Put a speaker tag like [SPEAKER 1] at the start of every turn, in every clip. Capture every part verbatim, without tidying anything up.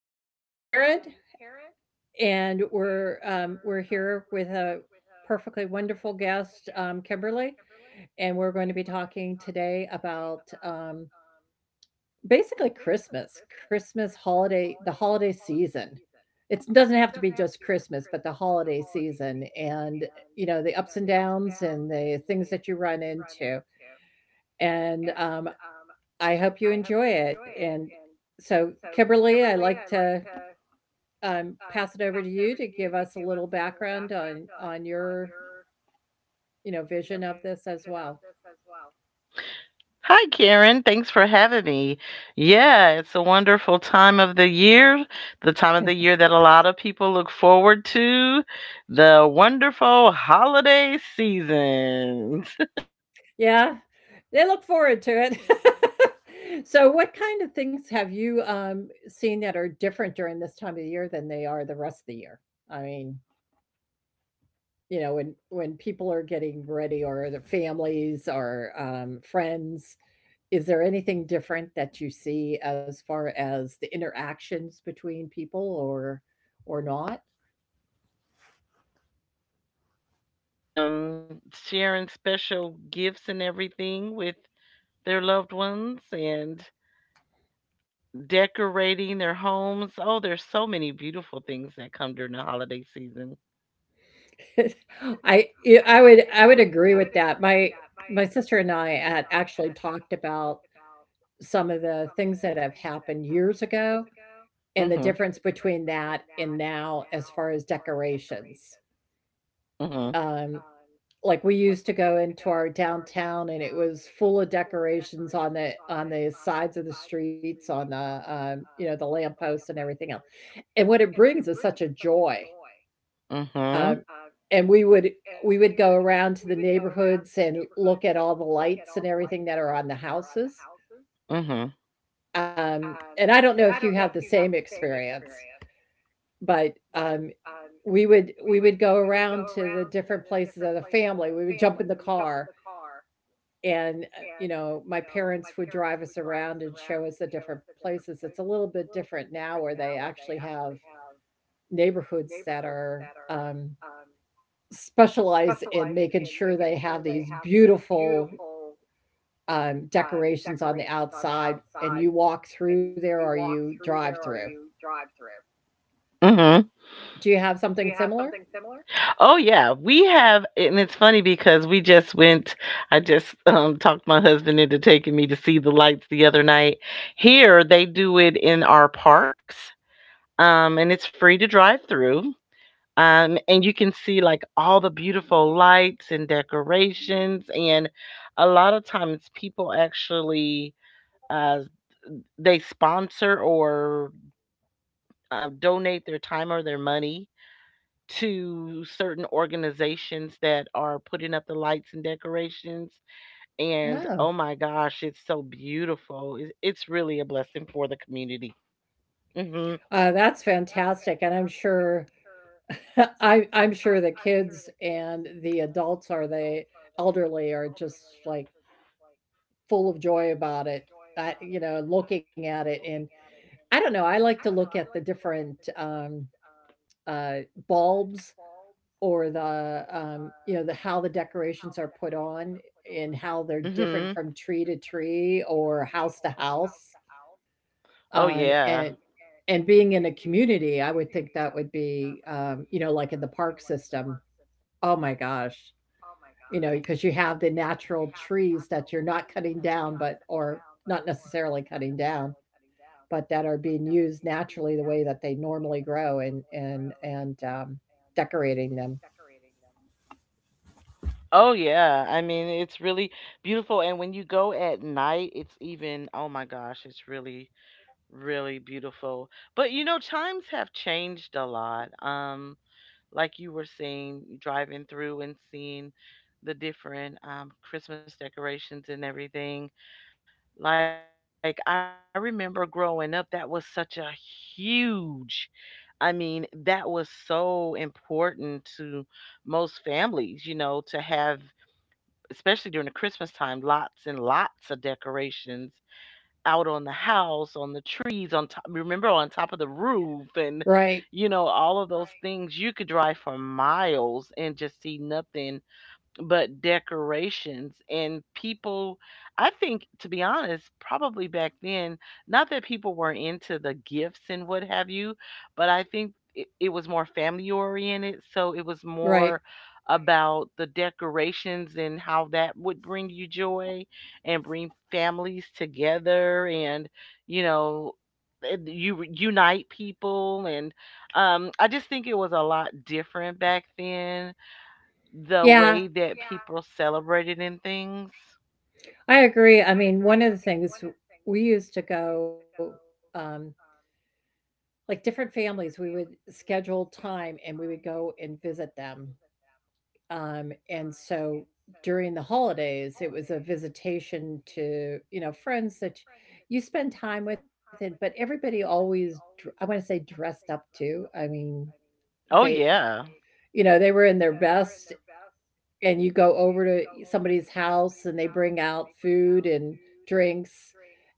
[SPEAKER 1] um, Karen, and we're um, we're here with a perfectly wonderful guest, um, Kimberly, and we're going to be talking today about um, basically Christmas, Christmas holiday, the holiday season. It doesn't have to be just Christmas, but the holiday season, and you know the ups and downs and the things that you run into. And um, I hope you enjoy it. And so, Kimberly, I like to um, pass it over to you to give us a little background on on your you know vision of this as well.
[SPEAKER 2] Hi, Karen. Thanks for having me. Yeah, it's a wonderful time of the year, the time of the year that a lot of people look forward to, the wonderful holiday season
[SPEAKER 1] Yeah,
[SPEAKER 2] and everything
[SPEAKER 1] they look
[SPEAKER 2] that comes
[SPEAKER 1] forward to it.
[SPEAKER 2] along with it.
[SPEAKER 1] So, what kind of things have you um, seen that are different during this
[SPEAKER 2] yeah,
[SPEAKER 1] time of the year
[SPEAKER 2] it's
[SPEAKER 1] than they are the rest of the year? I mean,
[SPEAKER 2] it's a great time for a lot of
[SPEAKER 1] you know, when
[SPEAKER 2] people.
[SPEAKER 1] when people are getting ready, or the
[SPEAKER 2] Um, a lot
[SPEAKER 1] families,
[SPEAKER 2] of people
[SPEAKER 1] or
[SPEAKER 2] take the
[SPEAKER 1] um,
[SPEAKER 2] time to
[SPEAKER 1] friends. Is there anything
[SPEAKER 2] you know,
[SPEAKER 1] different
[SPEAKER 2] look
[SPEAKER 1] that you
[SPEAKER 2] forward to
[SPEAKER 1] see
[SPEAKER 2] spending time
[SPEAKER 1] as
[SPEAKER 2] with their
[SPEAKER 1] far as
[SPEAKER 2] family
[SPEAKER 1] the
[SPEAKER 2] and
[SPEAKER 1] interactions
[SPEAKER 2] friends
[SPEAKER 1] between
[SPEAKER 2] and
[SPEAKER 1] people,
[SPEAKER 2] hanging
[SPEAKER 1] or
[SPEAKER 2] out
[SPEAKER 1] or
[SPEAKER 2] and
[SPEAKER 1] not?
[SPEAKER 2] eating all the good food and um, sharing special gifts and everything with their loved ones and decorating their homes. Oh, there's so many beautiful things that come during the holiday season.
[SPEAKER 1] I yeah, I would I would agree with that. My my sister and I had actually talked about some of the things that have happened years ago and the
[SPEAKER 2] Mhm.
[SPEAKER 1] difference between that and now as far as decorations.
[SPEAKER 2] Mhm.
[SPEAKER 1] Um, like we used to go into our downtown, and it was full of decorations on the on the sides of the streets, on the um, you know, the lampposts and everything else. And what it brings is such a joy. Uh,
[SPEAKER 2] Mhm.
[SPEAKER 1] and we would we would go around to the neighborhoods and look at all the lights and everything that are on the houses.
[SPEAKER 2] Mhm.
[SPEAKER 1] Um, and I don't know if you have the same experience, but um, we would we would go around to the different places of the family. We would jump in the car, and uh, you know, my parents would drive us around and show us the different places. It's a little bit different now where they actually have neighborhoods that are um, specialize in making sure they have these beautiful, um, decorations on the outside, and you walk through there or you drive through.
[SPEAKER 2] Mhm.
[SPEAKER 1] Do you have something similar?
[SPEAKER 2] Oh yeah, we have, and it's funny because we just went. I just um, talked my husband into taking me to see the lights the other night. Here they do it in our parks, um, and it's free to drive through. Um, and you can see like all the beautiful lights and decorations, and a lot of times people actually uh, they sponsor or uh, donate their time or their money to certain organizations that are putting up the lights and decorations. And
[SPEAKER 1] Oh,
[SPEAKER 2] oh my gosh, it's so beautiful. It- It's really a blessing for the community. Mhm.
[SPEAKER 1] uh, that's fantastic, and I'm sure I I'm sure the kids and the adults or the elderly are just, like, full of joy about it, uh, you know, looking at it, and I don't know, I like to look at the different, um, uh, bulbs or the, um, you know, the how the decorations are put on and how they're different
[SPEAKER 2] Mhm.
[SPEAKER 1] from tree to tree or house to house. Um,
[SPEAKER 2] Oh
[SPEAKER 1] and
[SPEAKER 2] yeah.
[SPEAKER 1] and being in a community, I would think that would be, um, you know, like in the park system. Oh my gosh, you know, because you have the natural trees that you're not cutting down, but or not necessarily cutting down, but that are being used naturally the way that they normally grow and and and um, decorating them.
[SPEAKER 2] Oh yeah. I mean, it's really beautiful, and when you go at night, it's even oh my gosh, it's really really beautiful. But you know, times have changed a lot. Um like you were saying, driving through and seeing the different um, Christmas decorations and everything. Like, I remember growing up, that was such a huge, I mean, that was so important to most families, you know, to have, especially during the Christmas time, lots and lots of decorations out on the house, on the trees, on top, remember on top of the roof, and
[SPEAKER 1] Right,
[SPEAKER 2] you know, all of those things. You could drive for miles and just see nothing but decorations and people. I think, to be honest, probably back then, not that people were into the gifts and what have you, but I think it, it was more family oriented, so it was
[SPEAKER 1] right.
[SPEAKER 2] more about the decorations and how that would bring you joy and bring families together and you know, and you re- unite people and um I just think it was a lot different back then, the
[SPEAKER 1] Yeah,
[SPEAKER 2] way that people celebrated in things.
[SPEAKER 1] I agree. I mean, one of the things we used to go, um, like different families, we would schedule time and we would go and visit them. Um, and so during the holidays, it was a visitation to, you know, friends that you spend time with, and but everybody always, dr- I want to say, dressed up too. I mean,
[SPEAKER 2] Oh
[SPEAKER 1] they,
[SPEAKER 2] yeah.
[SPEAKER 1] you know, they were in their best, and you go over to somebody's house and they bring out food and drinks.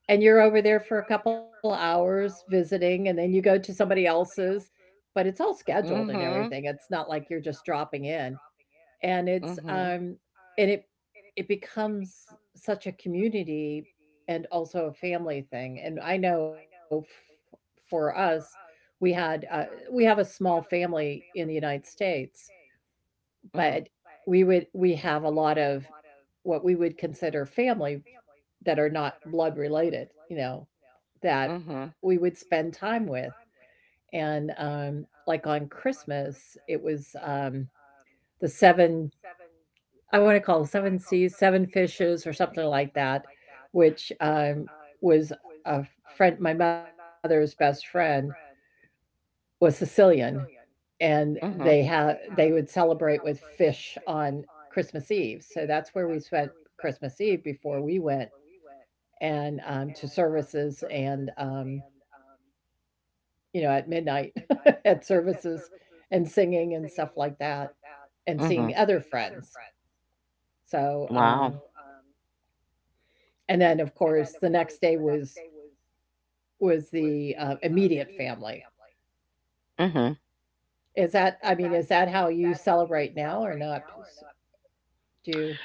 [SPEAKER 1] And you're over there for a couple of hours visiting, and then you go to somebody else's, but it's all scheduled and
[SPEAKER 2] Mhm.
[SPEAKER 1] everything. It's not like you're just dropping in, and it's,
[SPEAKER 2] Mhm.
[SPEAKER 1] um and it it becomes such a community and also a family thing, and I know f for us, we had, uh we have a small family in the United States,
[SPEAKER 2] Mhm.
[SPEAKER 1] but we would we have a lot of what we would consider family that are not blood related, you know, that we would
[SPEAKER 2] Mhm.
[SPEAKER 1] spend time with. And um, like on Christmas, it was um, the seven, I want to call it seven seas, seven fishes, or something like that, which um, was a friend, my mother's best friend was Sicilian. And they
[SPEAKER 2] Mhm.
[SPEAKER 1] had they would celebrate with fish on Christmas Eve. So that's where we spent Christmas Eve before we went and um, to services and um, you know, at midnight, at services and singing and stuff like that and seeing
[SPEAKER 2] Mhm.
[SPEAKER 1] other friends. So
[SPEAKER 2] Wow.
[SPEAKER 1] um, and then of course the next day was was the uh, immediate family.
[SPEAKER 2] Mhm.
[SPEAKER 1] Is that I mean is that how you celebrate now or not? Do you?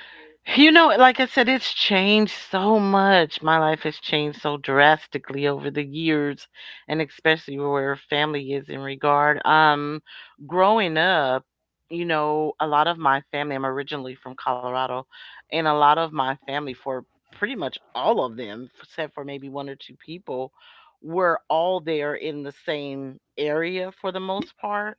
[SPEAKER 2] You know, like I said, it's changed so much. My life has changed so drastically over the years, and especially where family is in regard. Um, growing up, you know, a lot of my family, I'm originally from Colorado, and a lot of my family, for pretty much all of them, except for maybe one or two people, were all there in the same area for the most part,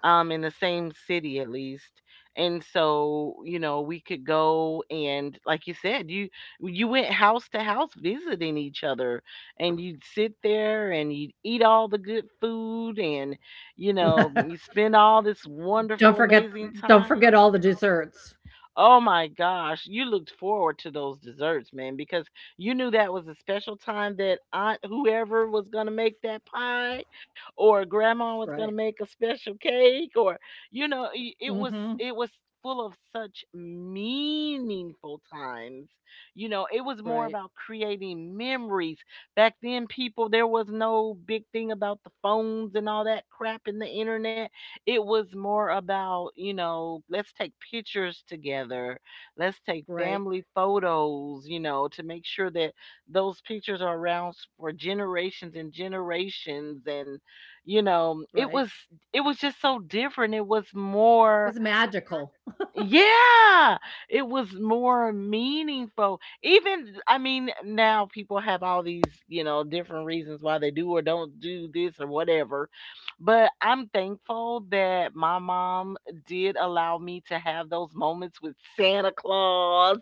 [SPEAKER 2] um in the same city at least. And so you know we could go, and like you said, you you went house to house visiting each other, and you'd sit there and you'd eat all the good food and you know you spend all this
[SPEAKER 1] Don't
[SPEAKER 2] wonderful
[SPEAKER 1] forget,
[SPEAKER 2] amazing
[SPEAKER 1] don't forget
[SPEAKER 2] time.
[SPEAKER 1] all the desserts.
[SPEAKER 2] Oh my gosh, you looked forward to those desserts, man, because you knew that was a special time that aunt whoever was going to make that pie or grandma was going
[SPEAKER 1] Right.
[SPEAKER 2] to make a special cake or you know, i- it was
[SPEAKER 1] Mhm.
[SPEAKER 2] it was full of such meaningful times. You know, it was more
[SPEAKER 1] Right.
[SPEAKER 2] about creating memories. Back then people there was no big thing about the phones and all that crap in the internet. It was more about, you know, let's take pictures together. Let's take
[SPEAKER 1] Right.
[SPEAKER 2] family photos, you know, to make sure that those pictures are around for generations and generations and you know, it
[SPEAKER 1] Right.
[SPEAKER 2] was it was just so different. It was more
[SPEAKER 1] It's magical.
[SPEAKER 2] yeah, it was more meaningful. Even, I mean, now people have all these, you know, different reasons why they do or don't do this or whatever. But I'm thankful that my mom did allow me to have those moments with Santa Claus.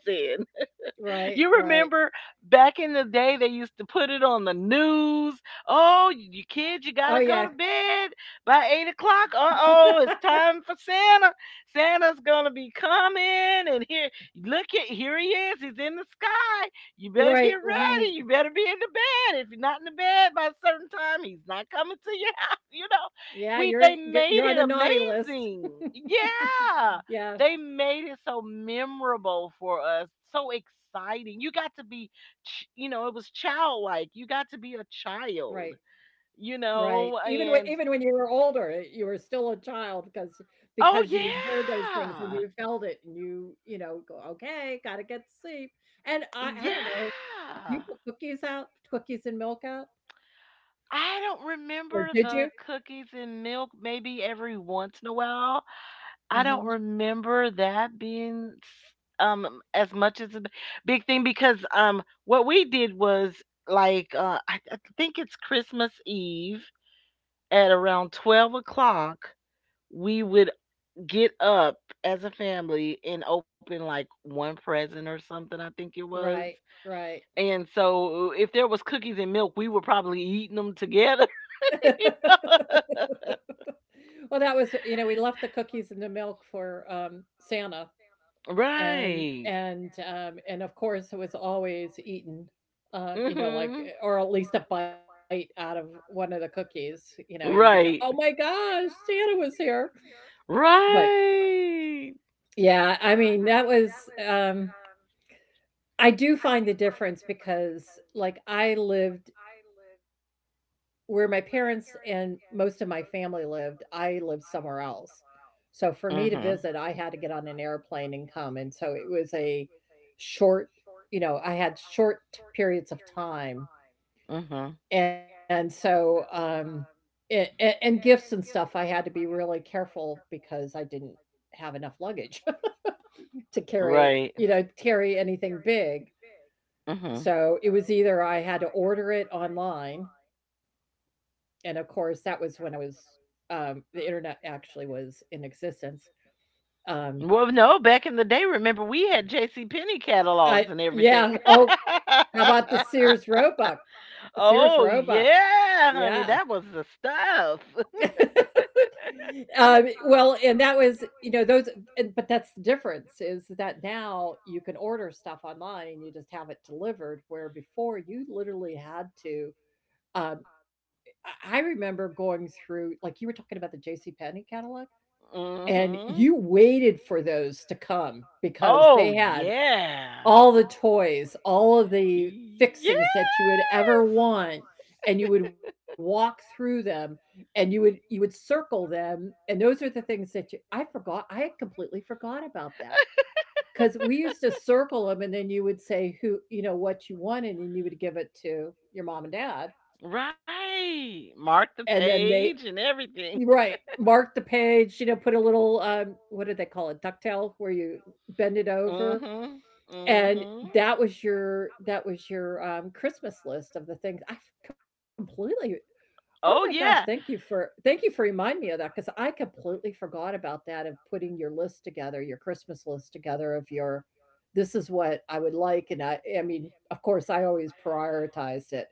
[SPEAKER 2] You
[SPEAKER 1] Right.
[SPEAKER 2] remember
[SPEAKER 1] Right.
[SPEAKER 2] back in the day they used to put it on the news. Oh, y- you kids, you
[SPEAKER 1] Oh,
[SPEAKER 2] gotta
[SPEAKER 1] yeah.
[SPEAKER 2] go to bed by eight o'clock. Uh oh, it's time for Santa. Santa's gonna be coming, and here, look at here he is. He's in the sky. You better get
[SPEAKER 1] You're right.
[SPEAKER 2] ready. You better
[SPEAKER 1] Right.
[SPEAKER 2] be in the bed. If you're not in the bed by a certain time, he's not coming to your house. You know,
[SPEAKER 1] Yeah,
[SPEAKER 2] we they
[SPEAKER 1] you're good,
[SPEAKER 2] made
[SPEAKER 1] you're
[SPEAKER 2] it
[SPEAKER 1] on the naughty list.
[SPEAKER 2] amazing. Yeah, they
[SPEAKER 1] Yeah.
[SPEAKER 2] made it so memorable for us, so exciting. You got to be, ch- you know, it was childlike. You got to be a
[SPEAKER 1] Right.
[SPEAKER 2] child, you
[SPEAKER 1] Right.
[SPEAKER 2] know,
[SPEAKER 1] Even when
[SPEAKER 2] and
[SPEAKER 1] even when you were older, eh, you were still a child because
[SPEAKER 2] oh,
[SPEAKER 1] because you heard those things and
[SPEAKER 2] yeah.
[SPEAKER 1] you felt it and you, you know, go, "Okay, gotta get to sleep." And I I don't know, do
[SPEAKER 2] Yeah.
[SPEAKER 1] you put cookies out? Cookies and milk out?
[SPEAKER 2] I don't
[SPEAKER 1] Or
[SPEAKER 2] remember
[SPEAKER 1] did
[SPEAKER 2] the
[SPEAKER 1] you?
[SPEAKER 2] cookies and milk maybe every once in a while. I don't
[SPEAKER 1] Mhm.
[SPEAKER 2] remember that being s um, as much as a b big thing because, um, what we did was, like, uh, I I think it's Christmas Eve at around twelve o'clock we would get up as a family and open, like, one present or something, I think it was,
[SPEAKER 1] Right, right.
[SPEAKER 2] and so, if there was cookies and milk, we were probably eating them together, you know?
[SPEAKER 1] Well, that was you know, we left the cookies and the milk for, um, Santa, and
[SPEAKER 2] Right.
[SPEAKER 1] and, um, and of course, it was always eaten, um, you know, like,
[SPEAKER 2] Mhm.
[SPEAKER 1] eh, or at least a bite out of one of the
[SPEAKER 2] One
[SPEAKER 1] cookies,
[SPEAKER 2] of the
[SPEAKER 1] you know, and you
[SPEAKER 2] cookies.
[SPEAKER 1] go, "Oh my
[SPEAKER 2] Right.
[SPEAKER 1] gosh, Santa was here." But,
[SPEAKER 2] Right.
[SPEAKER 1] yeah, I mean, that was, um I do find the difference because, like, I lived Where my parents and most of my family lived, I lived somewhere else. So for me to
[SPEAKER 2] Mhm.
[SPEAKER 1] visit, I had to get on an airplane and come, and so it was a short you know, I had short periods of time,
[SPEAKER 2] Mhm.
[SPEAKER 1] and so, um, it and gifts and stuff, I had to be really careful because I didn't have enough luggage to
[SPEAKER 2] Right. Right.
[SPEAKER 1] carry, you know, carry anything big.
[SPEAKER 2] Mhm.
[SPEAKER 1] So, it was either I had to order it online, and of course that was when I was um the internet actually was in existence. Um
[SPEAKER 2] Well, no, back in the day, remember we had J C. Penney
[SPEAKER 1] I
[SPEAKER 2] catalogs and
[SPEAKER 1] Yeah,
[SPEAKER 2] everything.
[SPEAKER 1] oh, how about the Sears Roebuck?
[SPEAKER 2] Yes,
[SPEAKER 1] sears
[SPEAKER 2] oh one of the oh
[SPEAKER 1] roebuck yeah.
[SPEAKER 2] yeah, honey, that was the stuff.
[SPEAKER 1] Um well, and that was you know those and, but that's the difference is that now you can order stuff online and you just have it delivered where before you literally had to um i I remember going through like you were talking about the JC Penney catalog.
[SPEAKER 2] Catalog.
[SPEAKER 1] And
[SPEAKER 2] Mhm.
[SPEAKER 1] you waited for those to come because
[SPEAKER 2] Oh
[SPEAKER 1] they had
[SPEAKER 2] yeah.
[SPEAKER 1] all
[SPEAKER 2] All
[SPEAKER 1] the
[SPEAKER 2] all
[SPEAKER 1] toys, all of
[SPEAKER 2] of it.
[SPEAKER 1] the
[SPEAKER 2] Yes.
[SPEAKER 1] fixings that you would ever
[SPEAKER 2] Cover
[SPEAKER 1] want, and you would walk through them and you would you would circle them, and those are the things that you I forgot I had completely forgot about that because we used to circle them, and then you would say who you know, what you wanted, and you would give it to your mom and dad,
[SPEAKER 2] your mom and dad. Right.
[SPEAKER 1] and
[SPEAKER 2] Mark
[SPEAKER 1] then
[SPEAKER 2] the
[SPEAKER 1] they
[SPEAKER 2] page and everything.
[SPEAKER 1] Right. Mark the page, you know, put a little, um, what do they call it? Ducktail where you bend it over.
[SPEAKER 2] Mhm. Cover.
[SPEAKER 1] And
[SPEAKER 2] Mhm.
[SPEAKER 1] that was your, that was your, um, Christmas list of the things I completely Oh my gosh,
[SPEAKER 2] Oh,
[SPEAKER 1] thank you
[SPEAKER 2] yeah.
[SPEAKER 1] for, thank you for reminding me of that because I completely forgot about that and putting your list together, your Christmas list together of your this is what I would like, and I I mean, of course, I always prioritized it.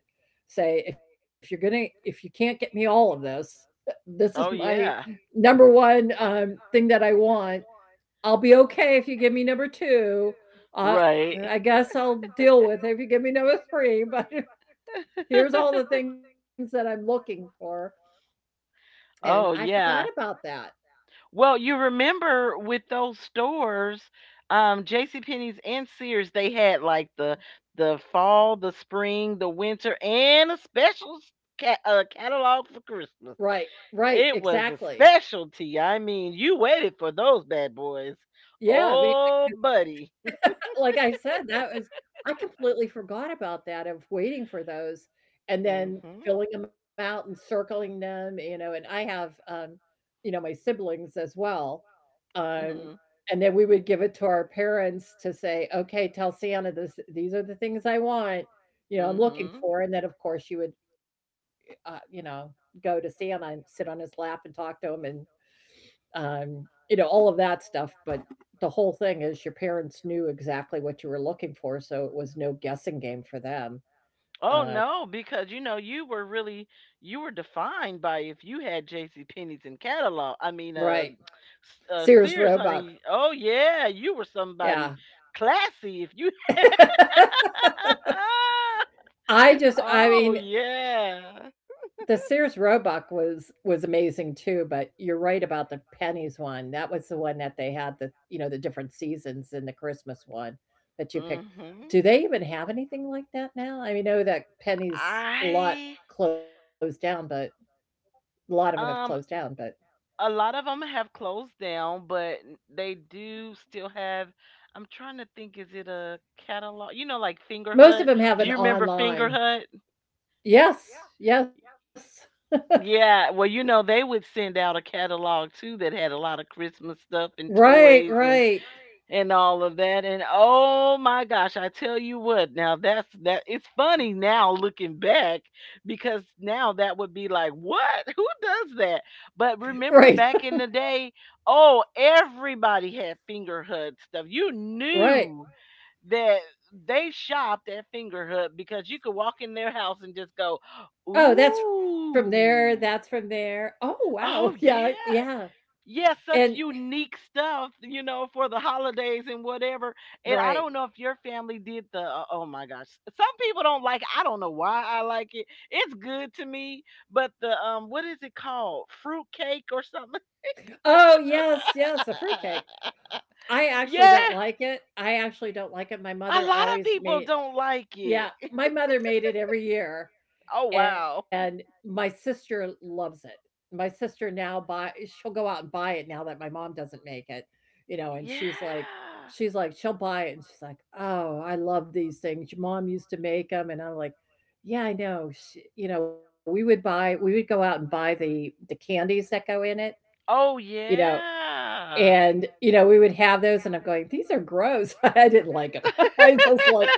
[SPEAKER 1] Say, if you're gonna if you can't get me all of this, uh, this is
[SPEAKER 2] Oh,
[SPEAKER 1] my
[SPEAKER 2] yeah.
[SPEAKER 1] number one, um, thing that I want. I'll be okay if you give me number two. Uh,
[SPEAKER 2] Right.
[SPEAKER 1] I guess I'll deal with it if you give me number three, but here's all the things that I'm looking for. And I
[SPEAKER 2] Oh,
[SPEAKER 1] forgot
[SPEAKER 2] yeah.
[SPEAKER 1] about that.
[SPEAKER 2] Well, you remember with those stores, um, J C. Penney's and Sears, they had like the the fall, the spring, the winter, and a special s- ca- uh, catalog for Christmas.
[SPEAKER 1] Right, right,
[SPEAKER 2] It was a
[SPEAKER 1] exactly.
[SPEAKER 2] specialty. I mean, you waited for those bad boys.
[SPEAKER 1] Yeah, I mean,
[SPEAKER 2] Oh, buddy.
[SPEAKER 1] like I said, that was I completely forgot about that of waiting for those and then
[SPEAKER 2] Mhm.
[SPEAKER 1] filling them out and circling them, you know, and I have, um, you know, my siblings as well. Um,
[SPEAKER 2] Mhm.
[SPEAKER 1] and then we would give it to our parents to say, "Okay, tell Santa this these are the things I want, you know, I'm looking
[SPEAKER 2] Mhm.
[SPEAKER 1] for." And then of course you would uh, you know, go to Santa and sit on his lap and talk to him and um, you know, all of that stuff. But the whole thing is your parents knew exactly what you were looking for, so it was no guessing game for them.
[SPEAKER 2] Oh
[SPEAKER 1] Uh,
[SPEAKER 2] no, because you know you were really you were defined by if you had J C. Penney's in catalog. I mean,
[SPEAKER 1] right.
[SPEAKER 2] uh, S- uh,
[SPEAKER 1] Sears
[SPEAKER 2] Sears,
[SPEAKER 1] Roebuck.
[SPEAKER 2] honey. Oh yeah, you were somebody
[SPEAKER 1] Yeah.
[SPEAKER 2] classy if you.
[SPEAKER 1] I just, I
[SPEAKER 2] Oh
[SPEAKER 1] mean,
[SPEAKER 2] yeah.
[SPEAKER 1] the Sears Roebuck was was amazing too, but you're right about the pennies one. That was the one that they had the you know the different seasons in the Christmas one that you picked.
[SPEAKER 2] Mhm.
[SPEAKER 1] Do they even have anything like that now? I mean, I know that pennies lot
[SPEAKER 2] I
[SPEAKER 1] closed down, but a lot of them have closed
[SPEAKER 2] um
[SPEAKER 1] down, but
[SPEAKER 2] a lot of them have closed down, but n- they do still have. I'm trying to think. Is it a catalog? You know, like Finger
[SPEAKER 1] most of
[SPEAKER 2] Hut.
[SPEAKER 1] them have
[SPEAKER 2] Do
[SPEAKER 1] an
[SPEAKER 2] you remember Finger
[SPEAKER 1] online.
[SPEAKER 2] Hut?
[SPEAKER 1] Yes, yes.
[SPEAKER 2] Yeah, well, you know, they would send out a catalog too that had a lot of Christmas stuff and
[SPEAKER 1] Right,
[SPEAKER 2] toys and right, right.
[SPEAKER 1] right,
[SPEAKER 2] And all of that. And oh my gosh, I tell you what, now that's that it's funny now looking back because now that would be like, what? Who does that? But remember
[SPEAKER 1] right,
[SPEAKER 2] back in the day, oh, everybody had finger H U D stuff. You knew
[SPEAKER 1] right.
[SPEAKER 2] right. That they shopped at Finger Hut because you could walk in their house and just go,
[SPEAKER 1] Oh, that's from there. That's
[SPEAKER 2] ooh.
[SPEAKER 1] from there. Oh, wow.
[SPEAKER 2] Oh
[SPEAKER 1] Yeah,
[SPEAKER 2] yeah.
[SPEAKER 1] yeah.
[SPEAKER 2] Yeah, such
[SPEAKER 1] And
[SPEAKER 2] unique stuff, you know, for the holidays and whatever. And I don't know
[SPEAKER 1] right.
[SPEAKER 2] if your family did the uh, oh my gosh. Some people don't like it. I don't know why I like it. It's good to me, but the um what is it called? Fruit cake or something?
[SPEAKER 1] Oh, yes, yes. A fruitcake. I actually
[SPEAKER 2] Yeah.
[SPEAKER 1] don't like it. I actually don't like it. My
[SPEAKER 2] A
[SPEAKER 1] mother
[SPEAKER 2] lot of
[SPEAKER 1] always
[SPEAKER 2] people
[SPEAKER 1] made,
[SPEAKER 2] don't like
[SPEAKER 1] yeah,
[SPEAKER 2] it.
[SPEAKER 1] my mother made it every year.
[SPEAKER 2] Oh
[SPEAKER 1] And
[SPEAKER 2] wow.
[SPEAKER 1] my sister loves it. My sister now buy She'll go out and buy it now that my mom doesn't make it, you know, and
[SPEAKER 2] Yeah.
[SPEAKER 1] she's like she's like she'll buy it and she's like, "Oh, I love these things. Your mom used to make them." And I'm like, "Yeah, I know." She, you know, we would buy We would go out and buy the the candies that go in it,
[SPEAKER 2] Oh
[SPEAKER 1] you know,
[SPEAKER 2] yeah.
[SPEAKER 1] and you know, we would have those and I'm going, "These are gross." I didn't like them. I just like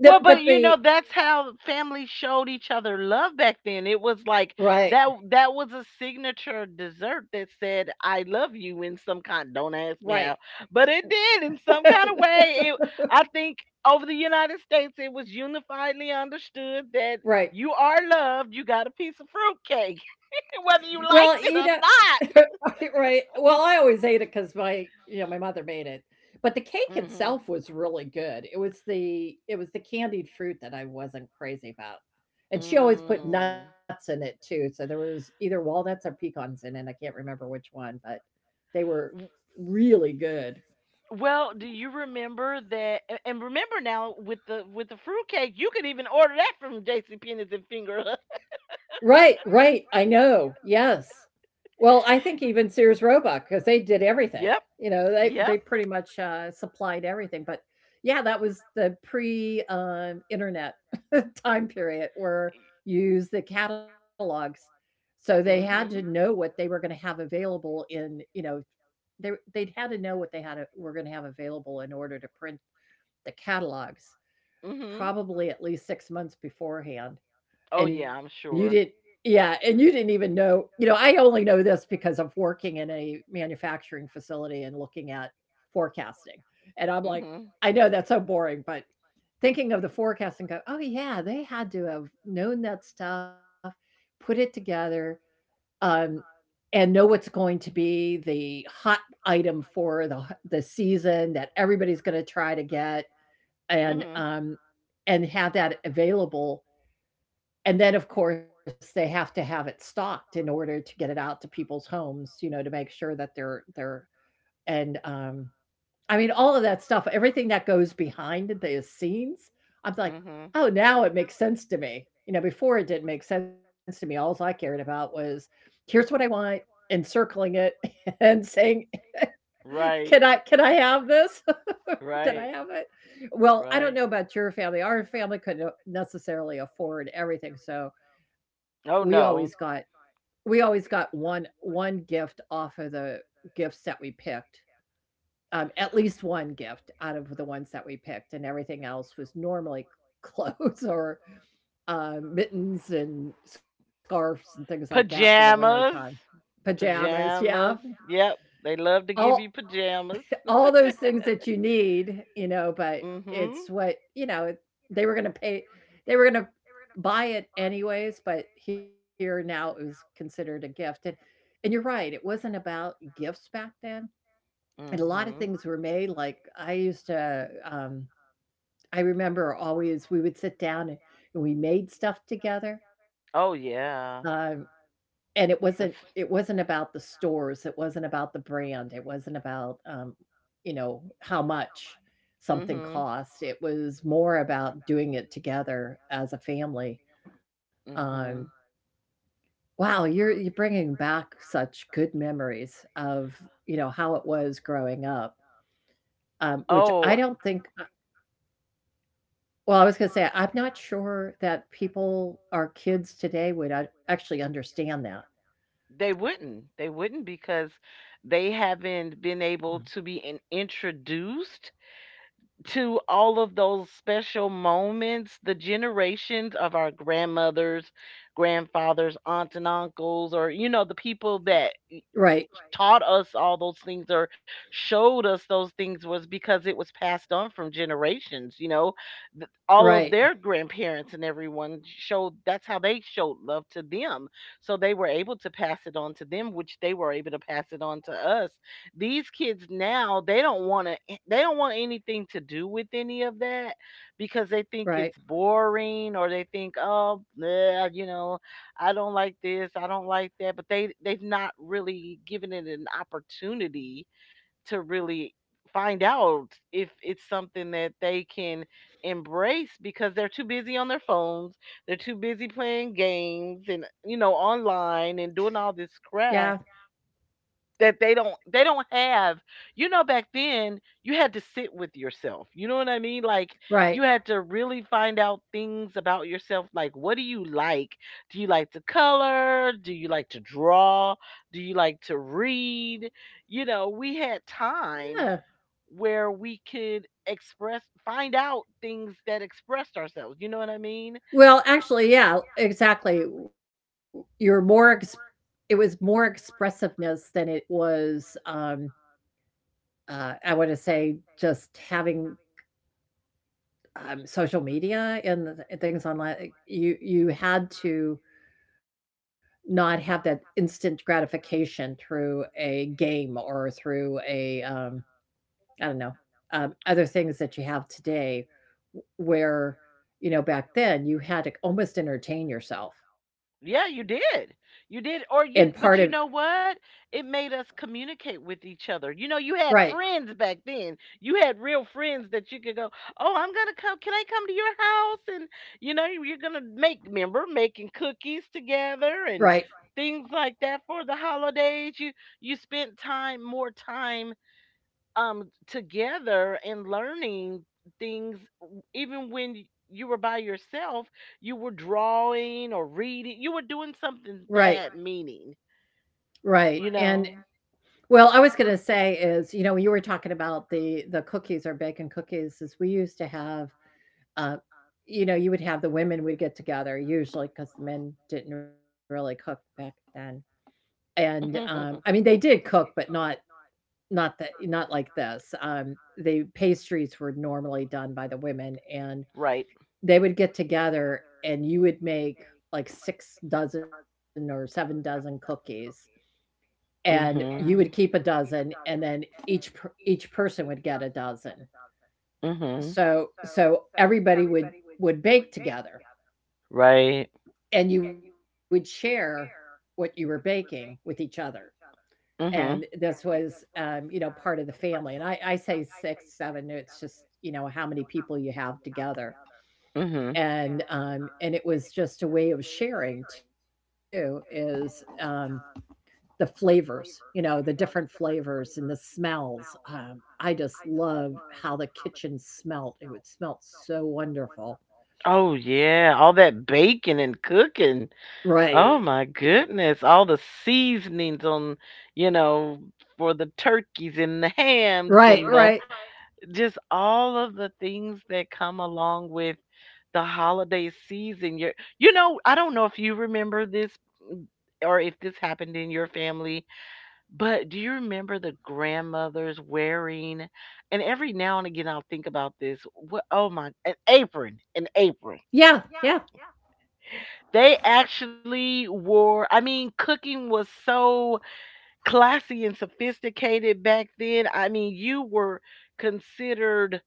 [SPEAKER 1] the,
[SPEAKER 2] Well, but
[SPEAKER 1] but
[SPEAKER 2] you know,
[SPEAKER 1] the
[SPEAKER 2] that's how families showed each other love back then. It was
[SPEAKER 1] Right,
[SPEAKER 2] like that that was a signature dessert that said I love you in some kind don't ask me how,
[SPEAKER 1] right.
[SPEAKER 2] but it did in some kind of way. It, I think over the United States it was unifiedly understood that
[SPEAKER 1] Right.
[SPEAKER 2] you are loved, you got a piece of fruitcake whether you
[SPEAKER 1] Well, you
[SPEAKER 2] liked
[SPEAKER 1] know.
[SPEAKER 2] it or
[SPEAKER 1] Right. Well, I always ate it because my you know, my mother made it. But the cake
[SPEAKER 2] not. Mhm.
[SPEAKER 1] itself was really good. It was the it was the candied fruit that I wasn't crazy about. And she always put nuts in it too, so there was either walnuts or pecans in it. I can't remember which one, but they
[SPEAKER 2] Mm.
[SPEAKER 1] were really good.
[SPEAKER 2] Well, do you remember that a and remember now with the with the fruit cake, you could even order that from J C Penney's and Finger Hut.
[SPEAKER 1] Right, right, I know, yes. Well, I think even Sears Roebuck, because they did everything.
[SPEAKER 2] Yep.
[SPEAKER 1] You know, they
[SPEAKER 2] Yep.
[SPEAKER 1] they pretty much uh, supplied everything, but yeah, that was the pre, um, internet time period where
[SPEAKER 2] E
[SPEAKER 1] you use the catalogs. So they had to know
[SPEAKER 2] mhm.
[SPEAKER 1] what they were gonna have available in you know, they they'd had to know what they had a were gonna have available in order to print the catalogs,
[SPEAKER 2] Mhm.
[SPEAKER 1] probably at least six months beforehand.
[SPEAKER 2] Oh, yeah, I'm
[SPEAKER 1] And you
[SPEAKER 2] sure.
[SPEAKER 1] didn't Yeah, and you didn't even know. You know, I only know this because of working in a manufacturing facility and looking at forecasting. And I'm like, I know that's so boring, but thinking of the forecast and go, "Oh, yeah, they had to have known that stuff, put it together, um, and know what's going to be the hot item for the the season that everybody's gonna try to get
[SPEAKER 2] Mhm. Like
[SPEAKER 1] and,
[SPEAKER 2] mhm.
[SPEAKER 1] um, and have that available, and then, of course, they have to have it stocked in order to get it out to people's homes, you know, to make sure that they're they're and, um, I mean, all of that stuff, everything that goes behind the scenes, I'm
[SPEAKER 2] One,
[SPEAKER 1] like,
[SPEAKER 2] um, mhm.
[SPEAKER 1] 'Oh, now it makes sense to me.'" You know, before it didn't make sense to me. All I cared about was, "Here's what I want," encircling it and saying, "Can
[SPEAKER 2] Right.
[SPEAKER 1] I can I have this? Can I
[SPEAKER 2] Right.
[SPEAKER 1] have it?"
[SPEAKER 2] Well,
[SPEAKER 1] Well, I don't
[SPEAKER 2] right.
[SPEAKER 1] know about your family. Our family couldn't necessarily afford everything, so we
[SPEAKER 2] Oh,
[SPEAKER 1] always got
[SPEAKER 2] no.
[SPEAKER 1] we always got one one gift off of the gifts that we picked, um, at least one gift out of the ones that we picked, and everything else was normally clothes or, uh, mittens and scarves and things like that for the winter time.
[SPEAKER 2] Pajamas,
[SPEAKER 1] Pajamas, yeah.
[SPEAKER 2] pajamas. Yep, they love to give
[SPEAKER 1] All
[SPEAKER 2] you pajamas.
[SPEAKER 1] all those things that you need, you know, but it's
[SPEAKER 2] Mhm.
[SPEAKER 1] what, you know, they were gonna pay they were gonna buy it anyways, but here now it was considered a gift. and and you're right, it wasn't about gifts back then, and a lot of
[SPEAKER 2] Mhm.
[SPEAKER 1] things were made. Like, I used to, um I remember always we would sit down and and we made stuff together,
[SPEAKER 2] Oh
[SPEAKER 1] um
[SPEAKER 2] yeah.
[SPEAKER 1] and it wasn't
[SPEAKER 2] That's
[SPEAKER 1] it wasn't about the stores, it wasn't about the brand, it wasn't about, um, you know, how much something
[SPEAKER 2] mhm.
[SPEAKER 1] cost. It was more about doing it together as a family. Um,
[SPEAKER 2] Mhm.
[SPEAKER 1] wow, you're you're bringing back such good memories of, you know, how it was growing up, um, which I don't
[SPEAKER 2] Oh,
[SPEAKER 1] think uh, well, I was gonna say, I'm not sure that people, our kids today would a actually understand that.
[SPEAKER 2] they wouldn't. They wouldn't because they haven't been
[SPEAKER 1] Mm.
[SPEAKER 2] able to be in, introduced to all of those special moments, the generations of our grandmothers, grandfathers, aunts and uncles, or you know, the people that
[SPEAKER 1] Right,
[SPEAKER 2] taught us all those things or showed us those things was because it was passed on from generations. You know Th-
[SPEAKER 1] right,
[SPEAKER 2] all of their grandparents and everyone showed, that's how they showed love to them, so they were able to pass it on to them, which they were able to pass it on to us. These kids now, they don't want to eh, they don't want anything to do with any of that because they think
[SPEAKER 1] right.
[SPEAKER 2] it's boring, or they think, oh bleh, you know I don't like this, I don't like that, but they they've not really given it an opportunity to really find out if it's something that they can embrace, because they're too busy on their phones, they're too busy playing games and, you know, online and doing all this
[SPEAKER 1] Yeah,
[SPEAKER 2] crap, that they don't they don't have, you know. Back then, you had to sit with yourself, you know what I mean? Like,
[SPEAKER 1] right.
[SPEAKER 2] you had to really find out things about yourself, like, what do you like? Do you like to color? Do you like to draw? Do you like to read? You know, we had time
[SPEAKER 1] Yeah.
[SPEAKER 2] where we could express, find out things that expressed ourselves, you know what I mean?
[SPEAKER 1] Well, actually, yeah, exactly. You're more ex It was more expressiveness than it was, um, uh, I wanna say, just having, um, social media and the th things online. You you had to not have that instant gratification through a game or through a, um, I don't know, um, other things that you have today where, you know, back then, you had to almost entertain yourself.
[SPEAKER 2] Yeah, you did. You
[SPEAKER 1] And
[SPEAKER 2] did. Or
[SPEAKER 1] part of
[SPEAKER 2] you, but you know what? It made us communicate with each other. You know, you had
[SPEAKER 1] Right,
[SPEAKER 2] friends back then. You had real friends that you could go, "Oh, I'm going to come. Can I come to your house?" And, you know, you- you're going to make, remember making cookies
[SPEAKER 1] right,
[SPEAKER 2] together and things like that for the holidays. You you spent time, more time, um together and learning things, w- even when y- you were by yourself, you were drawing or reading, you were doing
[SPEAKER 1] right,
[SPEAKER 2] something that had meaning,
[SPEAKER 1] right.
[SPEAKER 2] you
[SPEAKER 1] And
[SPEAKER 2] know.
[SPEAKER 1] well, I was gonna say is, you know, you were talking about the the cookies or bacon cookies is we used to have uh you know, you would have the women would get together usually because the men didn't really cook back then. And um, I mean they did cook, but not not that, not like this. Um, the pastries were normally done by the women, and
[SPEAKER 2] Right.
[SPEAKER 1] they would get together and you would make like six dozen or seven dozen cookies, and you would
[SPEAKER 2] Mhm.
[SPEAKER 1] keep a dozen, and then each each person would get a dozen,
[SPEAKER 2] Mhm.
[SPEAKER 1] so so everybody would would bake together
[SPEAKER 2] Right.
[SPEAKER 1] and you would share what you were baking with each other. And
[SPEAKER 2] Mhm.
[SPEAKER 1] this was um, you know, part of the family, and i i say six seven, it's just you know how many people you have together.
[SPEAKER 2] Mhm.
[SPEAKER 1] And um, and it was just a way of sharing too, is um, the flavors, you know, the different flavors and the smells. Um, I just love how the kitchen smelt. It would smelt so wonderful.
[SPEAKER 2] Oh yeah, all that baking and cooking.
[SPEAKER 1] Right.
[SPEAKER 2] Oh my goodness, all the seasonings on, you know, for the turkeys and the hams
[SPEAKER 1] Right,
[SPEAKER 2] and the
[SPEAKER 1] right.
[SPEAKER 2] right. Just all of the things that come along with the holiday season. You you know, I don't know if you remember this, mm, or if this happened in your family, but do you remember the grandmothers wearing, and every now and again I'll think about this. What, oh my, an apron, an apron
[SPEAKER 1] Yeah, yeah.
[SPEAKER 2] they actually wore. I mean, cooking was so classy and sophisticated back then. I mean, you were considered,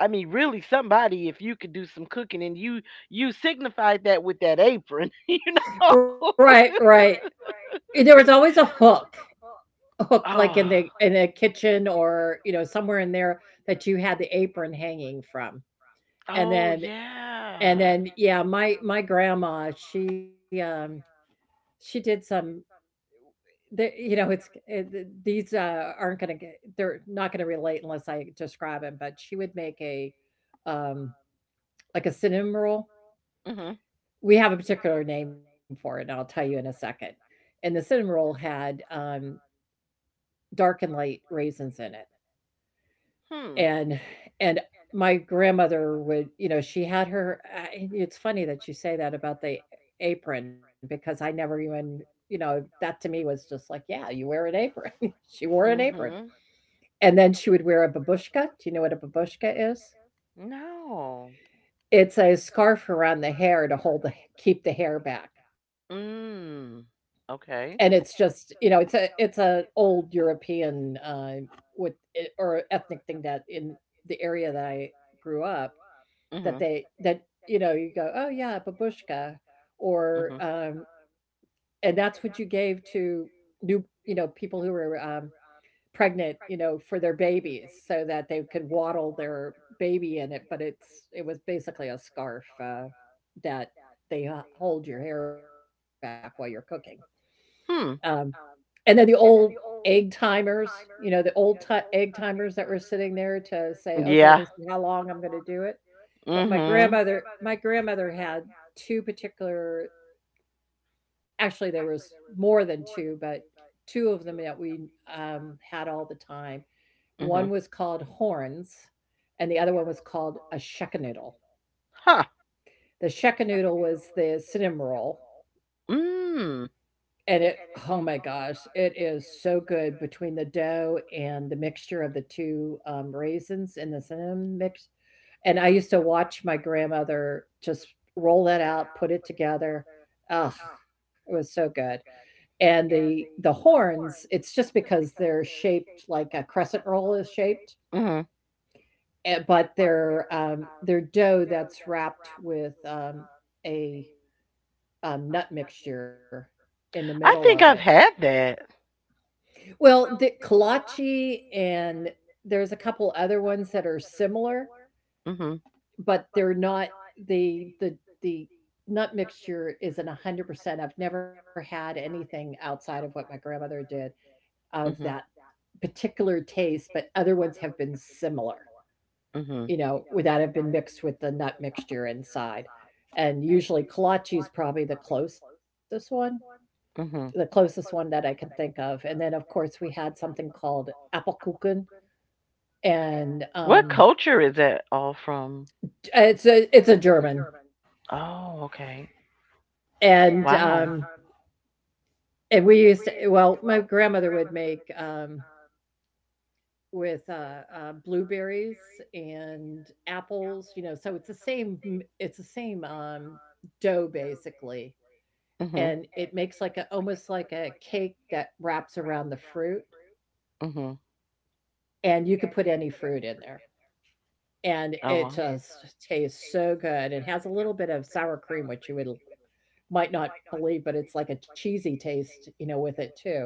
[SPEAKER 2] I mean, really somebody if you could do some cooking, and you you signified that with that apron, you know?
[SPEAKER 1] Right, right. Eh, there was always a hook. A hook like
[SPEAKER 2] Oh.
[SPEAKER 1] in the in the kitchen or, you know, somewhere in there that you
[SPEAKER 2] There.
[SPEAKER 1] had the apron hanging from. And
[SPEAKER 2] Oh,
[SPEAKER 1] then and
[SPEAKER 2] yeah.
[SPEAKER 1] then yeah, my my grandma, she um she did some. The you know, it's it these, uh, aren't gonna get they're not gonna relate unless I describe describe 'em, but she would make a, um, like a cinnamon roll.
[SPEAKER 2] Mhm.
[SPEAKER 1] We have a particular name for it, and I'll tell you in a second. And the cinnamon roll had, um, dark and light raisins in it,
[SPEAKER 2] Hmm.
[SPEAKER 1] and and my grandmother would, you know, she had her. I it's funny that you say that about the apron, because I never even, you know, that to me was just like, "Yeah, you wear an apron." She wore an apron.
[SPEAKER 2] Mhm.
[SPEAKER 1] And then she would wear a babushka. Do you know what a babushka is?
[SPEAKER 2] No.
[SPEAKER 1] It's a scarf around the hair to hold the keep the hair back.
[SPEAKER 2] Mm.
[SPEAKER 1] And it's
[SPEAKER 2] Okay.
[SPEAKER 1] just, you know, it's a it's a old European uh, with eh, or ethnic thing that in the area that I grew up
[SPEAKER 2] Mhm.
[SPEAKER 1] that
[SPEAKER 2] Um.
[SPEAKER 1] they that you know you go, oh yeah, babushka, or um, and that's what you gave to new you know, people who were um, pregnant, you know, for their babies so that they could waddle their baby in it, but it's it was basically a scarf, uh, that they h- hold your hair back while you're cooking. Um,
[SPEAKER 2] Hmm.
[SPEAKER 1] and then the old egg timers, you know, the old ti egg
[SPEAKER 2] For.
[SPEAKER 1] timers that were sitting there to say, okay,
[SPEAKER 2] Yeah.
[SPEAKER 1] this is how long I'm going to do it. But my
[SPEAKER 2] Mhm.
[SPEAKER 1] grandmother, my grandmother had two particular. Actually, there was more than two, but two of them that we, um, had all the time.
[SPEAKER 2] Mhm.
[SPEAKER 1] One was called horns, and the other one was called a shakanoodle.
[SPEAKER 2] Huh.
[SPEAKER 1] The shakanoodle was the cinnamon roll,
[SPEAKER 2] Mm.
[SPEAKER 1] and it, oh my gosh, it is so good between the dough and the mixture of the two, um, raisins in the cinnamon mix, and I used to watch my grandmother just roll that out, put it together. Ugh, it was so good. And the the horns, it's just because they're shaped like a crescent roll is shaped,
[SPEAKER 2] Mhm.
[SPEAKER 1] eh, but they're um, they're dough that's wrapped with um, a um, nut mixture in the middle of
[SPEAKER 2] I
[SPEAKER 1] it.
[SPEAKER 2] think I've had that.
[SPEAKER 1] Well, the kolache and there's a couple other ones that are similar,
[SPEAKER 2] Mhm.
[SPEAKER 1] but they're not the the the nut mixture isn't one hundred percent. I've never had anything outside of what my grandmother did of that
[SPEAKER 2] Mhm.
[SPEAKER 1] particular taste, but other ones have been similar,
[SPEAKER 2] Mhm.
[SPEAKER 1] you know, that have been mixed with the nut mixture inside. And usually kolache is probably the closest one, the
[SPEAKER 2] Mhm.
[SPEAKER 1] closest one that I can think of. And then, of course, we had something called Appelkuchen, and
[SPEAKER 2] What
[SPEAKER 1] um,
[SPEAKER 2] culture is that all from?
[SPEAKER 1] it's a it's a German,
[SPEAKER 2] Oh, okay.
[SPEAKER 1] and
[SPEAKER 2] Wow.
[SPEAKER 1] um, and we used to, well, my grandmother would make um, with, uh, uh, blueberries and apples, you know, so it's the same m it's the same, um, dough basically,
[SPEAKER 2] Mhm.
[SPEAKER 1] and it makes like a almost like a cake that wraps around the fruit,
[SPEAKER 2] Mhm.
[SPEAKER 1] and you could put any fruit in there, and
[SPEAKER 2] Oh
[SPEAKER 1] it
[SPEAKER 2] wow.
[SPEAKER 1] just tastes so good. It has a little bit of sour cream, which you would might not believe, but it's like a cheesy taste, you know, with it too.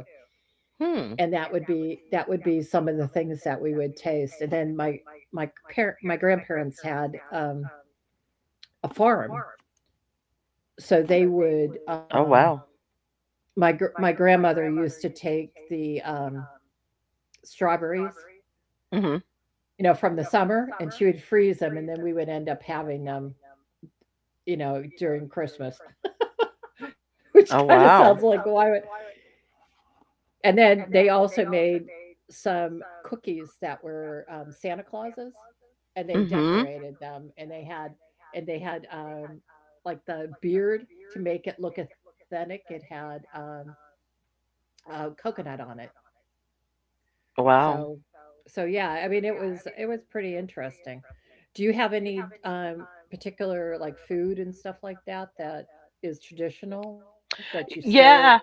[SPEAKER 2] Hmm.
[SPEAKER 1] And that would be that would be some of the things that we would taste. And then my my parent my grandparents had um a farm, so they would
[SPEAKER 2] Oh
[SPEAKER 1] um
[SPEAKER 2] wow.
[SPEAKER 1] my gr- my grandmother used to take the um strawberries,
[SPEAKER 2] Mhm.
[SPEAKER 1] you know, from the summer, and she would freeze them, and then we would end up having them, you know, during christmas. Which
[SPEAKER 2] Oh
[SPEAKER 1] kind of
[SPEAKER 2] wow.
[SPEAKER 1] sounds like why would. And then they also made some cookies that were, um, Santa Clauses, and they
[SPEAKER 2] Mhm.
[SPEAKER 1] decorated them, and they had and they had, um, like, the beard, to make it look authentic. It had, um, uh, coconut on it.
[SPEAKER 2] Wow.
[SPEAKER 1] So so, yeah, I mean, it was it was pretty interesting. Do you have any, um, particular, like, food and stuff like that that is traditional that you still
[SPEAKER 2] Yeah.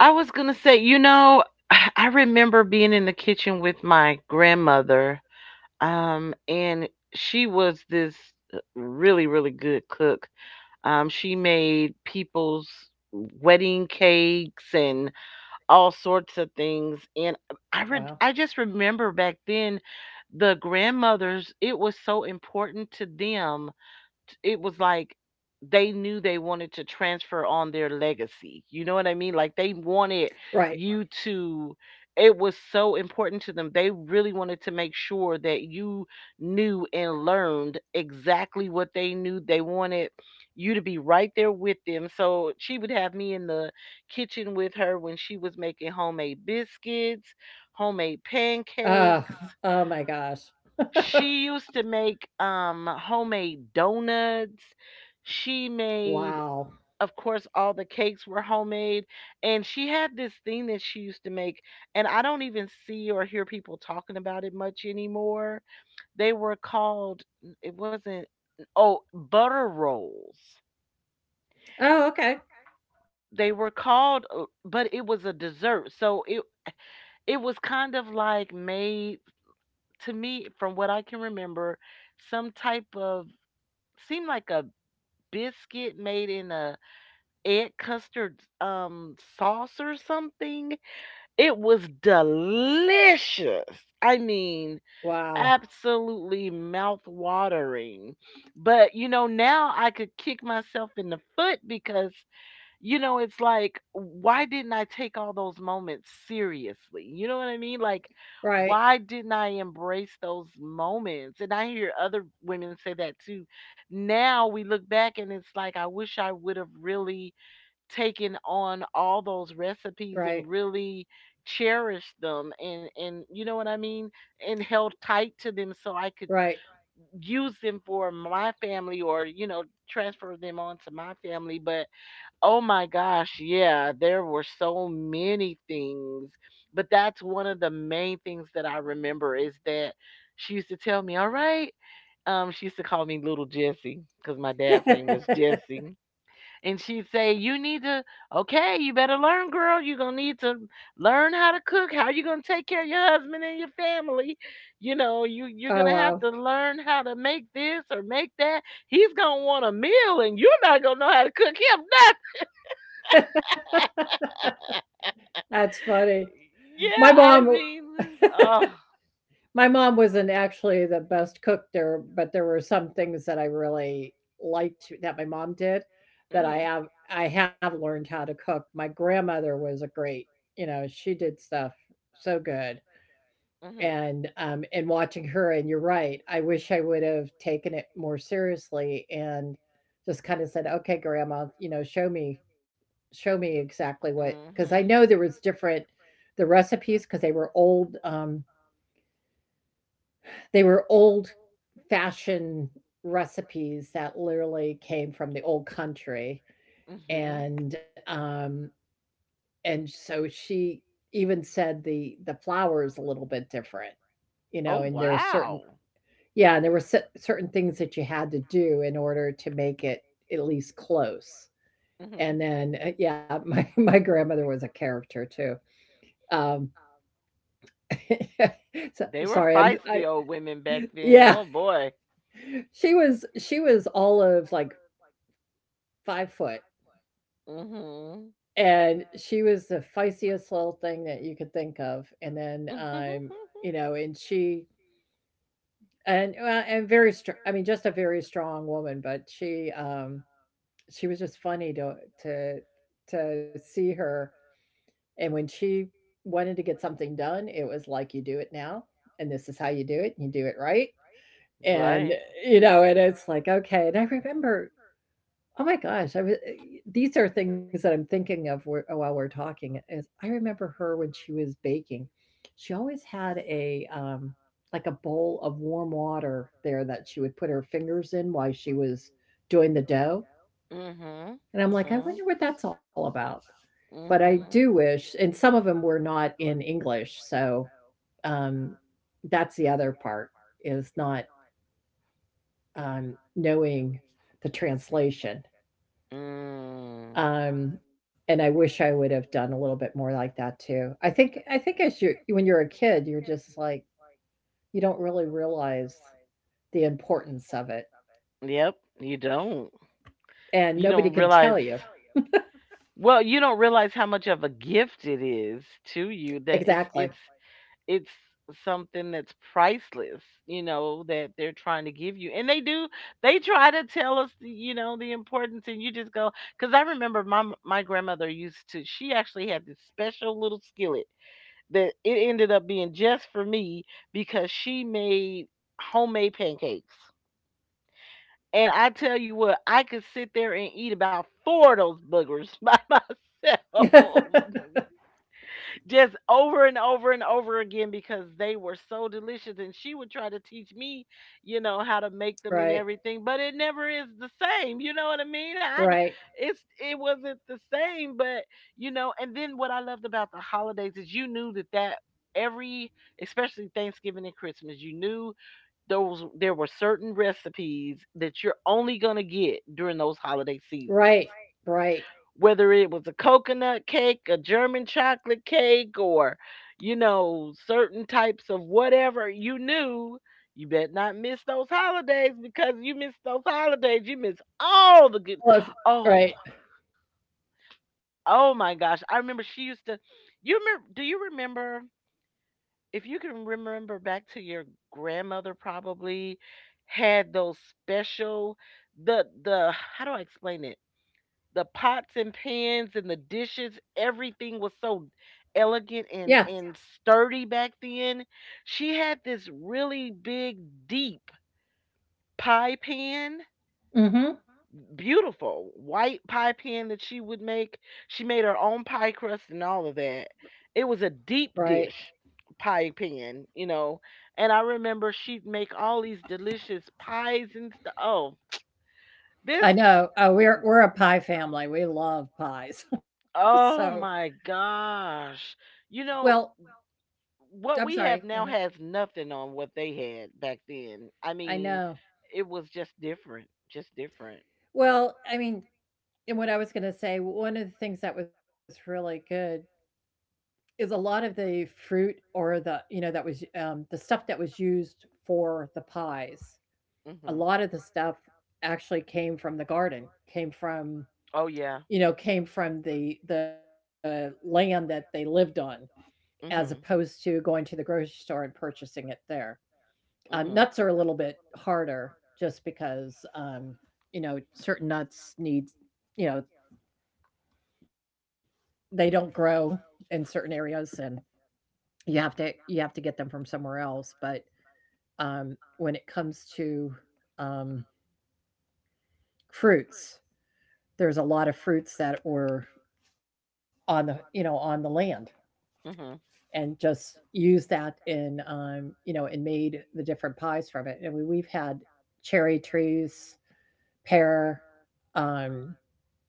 [SPEAKER 2] I was gonna say, you know, I remember being in the kitchen with my grandmother, um, and she was this uh, really, really good cook. Um, she made people's wedding cakes and all sorts of things. And I
[SPEAKER 1] wow.
[SPEAKER 2] re- I just remember back then, the grandmothers, it was so important to them. It was like they knew they wanted to transfer on their legacy. You know what I mean? Like, they wanted
[SPEAKER 1] Right.
[SPEAKER 2] you to, it was so important to them. They really wanted to make sure that you knew and learned exactly what they knew. They wanted you to be right there with them. So she would have me in the kitchen with her when she was making homemade biscuits, homemade pancakes.
[SPEAKER 1] Oh, oh my gosh.
[SPEAKER 2] She used to make, um, homemade donuts. She made,
[SPEAKER 1] Wow.
[SPEAKER 2] of course, all the cakes were homemade, and she had this thing that she used to make, and I don't even see or hear people talking about it much anymore. They were called, it wasn't, oh, butter rolls.
[SPEAKER 1] Oh, okay.
[SPEAKER 2] They were called, uh but it was a dessert, so it it was kind of like made, to me, from what I can remember, some type of, seemed like a biscuit made in a egg custard, um, sauce or something. It was delicious. I mean,
[SPEAKER 1] Wow.
[SPEAKER 2] absolutely mouth-watering. But, you know, now I could kick myself in the foot because, you know, it's like, why didn't I take all those moments seriously? You know what I mean? Like,
[SPEAKER 1] Right.
[SPEAKER 2] why didn't I embrace those moments? And I hear other women say that too. Now we look back and it's like, I wish I would have really taken on all those
[SPEAKER 1] Right.
[SPEAKER 2] recipes and really cherished them, and and you know what I mean, and held tight to them so I could
[SPEAKER 1] Right.
[SPEAKER 2] use them for my family, or, you know, transfer them on to my family, but, oh my gosh, yeah, there were so many things, but that's one of the main things that I remember, is that she used to tell me, "All right," um, she used to call me Little Jessie because my dad's name was Jesse, and she'd say, "You need to, okay, you better learn, girl. You're gonna need to learn how to cook. How you gonna take care of your husband and your family? You know, you, you're
[SPEAKER 1] Oh,
[SPEAKER 2] gonna have
[SPEAKER 1] wow.
[SPEAKER 2] to learn how to make this or make that. He's gonna want a meal, and you're not gonna know how to cook him.
[SPEAKER 1] That's funny.
[SPEAKER 2] Yeah,
[SPEAKER 1] My
[SPEAKER 2] I
[SPEAKER 1] mom
[SPEAKER 2] mean, oh,
[SPEAKER 1] my mom wasn't actually the best cook there, but there were some things that I really liked that my mom did that
[SPEAKER 2] mhm,
[SPEAKER 1] I have I have learned how to cook. My grandmother was a great, you know, she did stuff so good.
[SPEAKER 2] mhm,
[SPEAKER 1] And um, and watching her. And you're right. I wish I would have taken it more seriously and just kind of said, "Okay, Grandma, you know, show me, show me exactly what." Because I
[SPEAKER 2] mhm,
[SPEAKER 1] know there was different the recipes because they were old. Um, they were old fashioned recipes that literally came from the old country.
[SPEAKER 2] mhm.
[SPEAKER 1] And um and so she even said the the flour is a little bit different, you know, and
[SPEAKER 2] Oh
[SPEAKER 1] there are certain
[SPEAKER 2] wow,
[SPEAKER 1] yeah, and there were cer certain things that you had to do in order to make it at least close. And
[SPEAKER 2] mhm.
[SPEAKER 1] then, uh, yeah, my my grandmother was a character too. Um, so
[SPEAKER 2] They were
[SPEAKER 1] sorry, I'm I
[SPEAKER 2] feisty old women back then.
[SPEAKER 1] yeah,
[SPEAKER 2] Oh boy,
[SPEAKER 1] she was she was all of, like, five foot,
[SPEAKER 2] mhm,
[SPEAKER 1] and she was the feistiest little thing that you could think of. And then, um, you know, and she and, uh, and very strong. I mean, just a very strong woman, but she, um she was just funny to to to see her. And when she wanted to get something done, it was like you do it now, and this is how you do it, and you do it right. And
[SPEAKER 2] right,
[SPEAKER 1] you know, and it's like okay. And I remember, oh my gosh, I was. eh, these are things that I'm thinking of wh- while we're talking. Is I remember her when she was baking, she always had a um like a bowl of warm water there that she would put her fingers in while she was doing the dough.
[SPEAKER 2] mhm,
[SPEAKER 1] And I'm
[SPEAKER 2] mhm,
[SPEAKER 1] like, "I
[SPEAKER 2] mhm.
[SPEAKER 1] wonder what that's all about." But I do wish, and some of them were not in English, so, um, that's the other part, is not, um, knowing the translation.
[SPEAKER 2] Mm,
[SPEAKER 1] Um, and I wish I would have done a little bit more like that too. I think I think as you when you're a kid, you're just like you don't really realize the importance of it,
[SPEAKER 2] yep, you don't.
[SPEAKER 1] and
[SPEAKER 2] You
[SPEAKER 1] nobody
[SPEAKER 2] don't
[SPEAKER 1] can
[SPEAKER 2] realize.
[SPEAKER 1] tell you.
[SPEAKER 2] Well, you don't realize how much of a gift it is to you, that it's
[SPEAKER 1] Exactly.
[SPEAKER 2] it's it's something that's priceless, you know, that they're trying to give you. And they do, they try to tell us, you know, the importance, and you just go, cuz I remember my m- my grandmother used to, she actually had this special little skillet that it ended up being just for me because she made homemade pancakes. And I tell you what, I could sit there and eat about four of those boogers by myself, just over and over and over again because they were so delicious, and she would try to teach me, you know, how to make them and
[SPEAKER 1] Right,
[SPEAKER 2] everything, but it never is the same, you know what I mean? I,
[SPEAKER 1] right,
[SPEAKER 2] it's, it wasn't the same, but, you know, and then what I loved about the holidays is, you knew that that every, especially Thanksgiving and Christmas, you knew, those, there were certain recipes that you're only gonna get during those holiday seasons.
[SPEAKER 1] right, right.
[SPEAKER 2] Whether it was a coconut cake, a German chocolate cake, or, you know, certain types of whatever, you knew you bet not miss those holidays, because you miss those holidays, you miss all the good.
[SPEAKER 1] Well, if
[SPEAKER 2] Right. Oh,
[SPEAKER 1] right.
[SPEAKER 2] right. Oh my gosh! I remember she used to. You remember? Do you remember, if you can remember back to your grandmother, probably had those special, the the how do I explain it? The pots and pans and the dishes, everything was so elegant
[SPEAKER 1] Yes.
[SPEAKER 2] and and sturdy back then. She had this really big deep pie pan,
[SPEAKER 1] Hmm.
[SPEAKER 2] beautiful white pie pan that she would make. She made her own pie crust and all of that. It was a
[SPEAKER 1] Right.
[SPEAKER 2] deep dish pie pan, you know. And I remember she'd make all these delicious pies and stuff. Oh, this
[SPEAKER 1] I
[SPEAKER 2] I know.
[SPEAKER 1] know. Uh, we're
[SPEAKER 2] Oh,
[SPEAKER 1] we're a
[SPEAKER 2] we're we're
[SPEAKER 1] pie
[SPEAKER 2] a pie
[SPEAKER 1] family. We love pies.
[SPEAKER 2] family. We
[SPEAKER 1] So,
[SPEAKER 2] love pies. Oh my gosh. You know,
[SPEAKER 1] well,
[SPEAKER 2] what we
[SPEAKER 1] I'm
[SPEAKER 2] have
[SPEAKER 1] sorry.
[SPEAKER 2] now
[SPEAKER 1] Go ahead.
[SPEAKER 2] has nothing on what they had back then. I
[SPEAKER 1] I
[SPEAKER 2] mean, I know,
[SPEAKER 1] know.
[SPEAKER 2] it was just different, just different.
[SPEAKER 1] Well, I mean, and what I was going to say, one of the things that was really good is a lot of the fruit or the, you know, that was um, the stuff that was used for the pies. A
[SPEAKER 2] Mhm.
[SPEAKER 1] lot of the stuff actually came from the garden. Came from,
[SPEAKER 2] Oh yeah.
[SPEAKER 1] you know, came from the the land that they lived on,
[SPEAKER 2] Mhm,
[SPEAKER 1] as opposed to going to the grocery store and purchasing it there.
[SPEAKER 2] mhm,
[SPEAKER 1] Um, nuts are a little bit harder just because, um, you know, certain nuts need, you know, they don't grow in certain areas, and you have to you have to get them from somewhere else. But um, when it comes to um, fruits, there's a lot of fruits that were on the, you know, on the land,
[SPEAKER 2] mhm,
[SPEAKER 1] and just used that in, um, you know, and made the different pies from it. And we, we've had cherry trees, pear, um,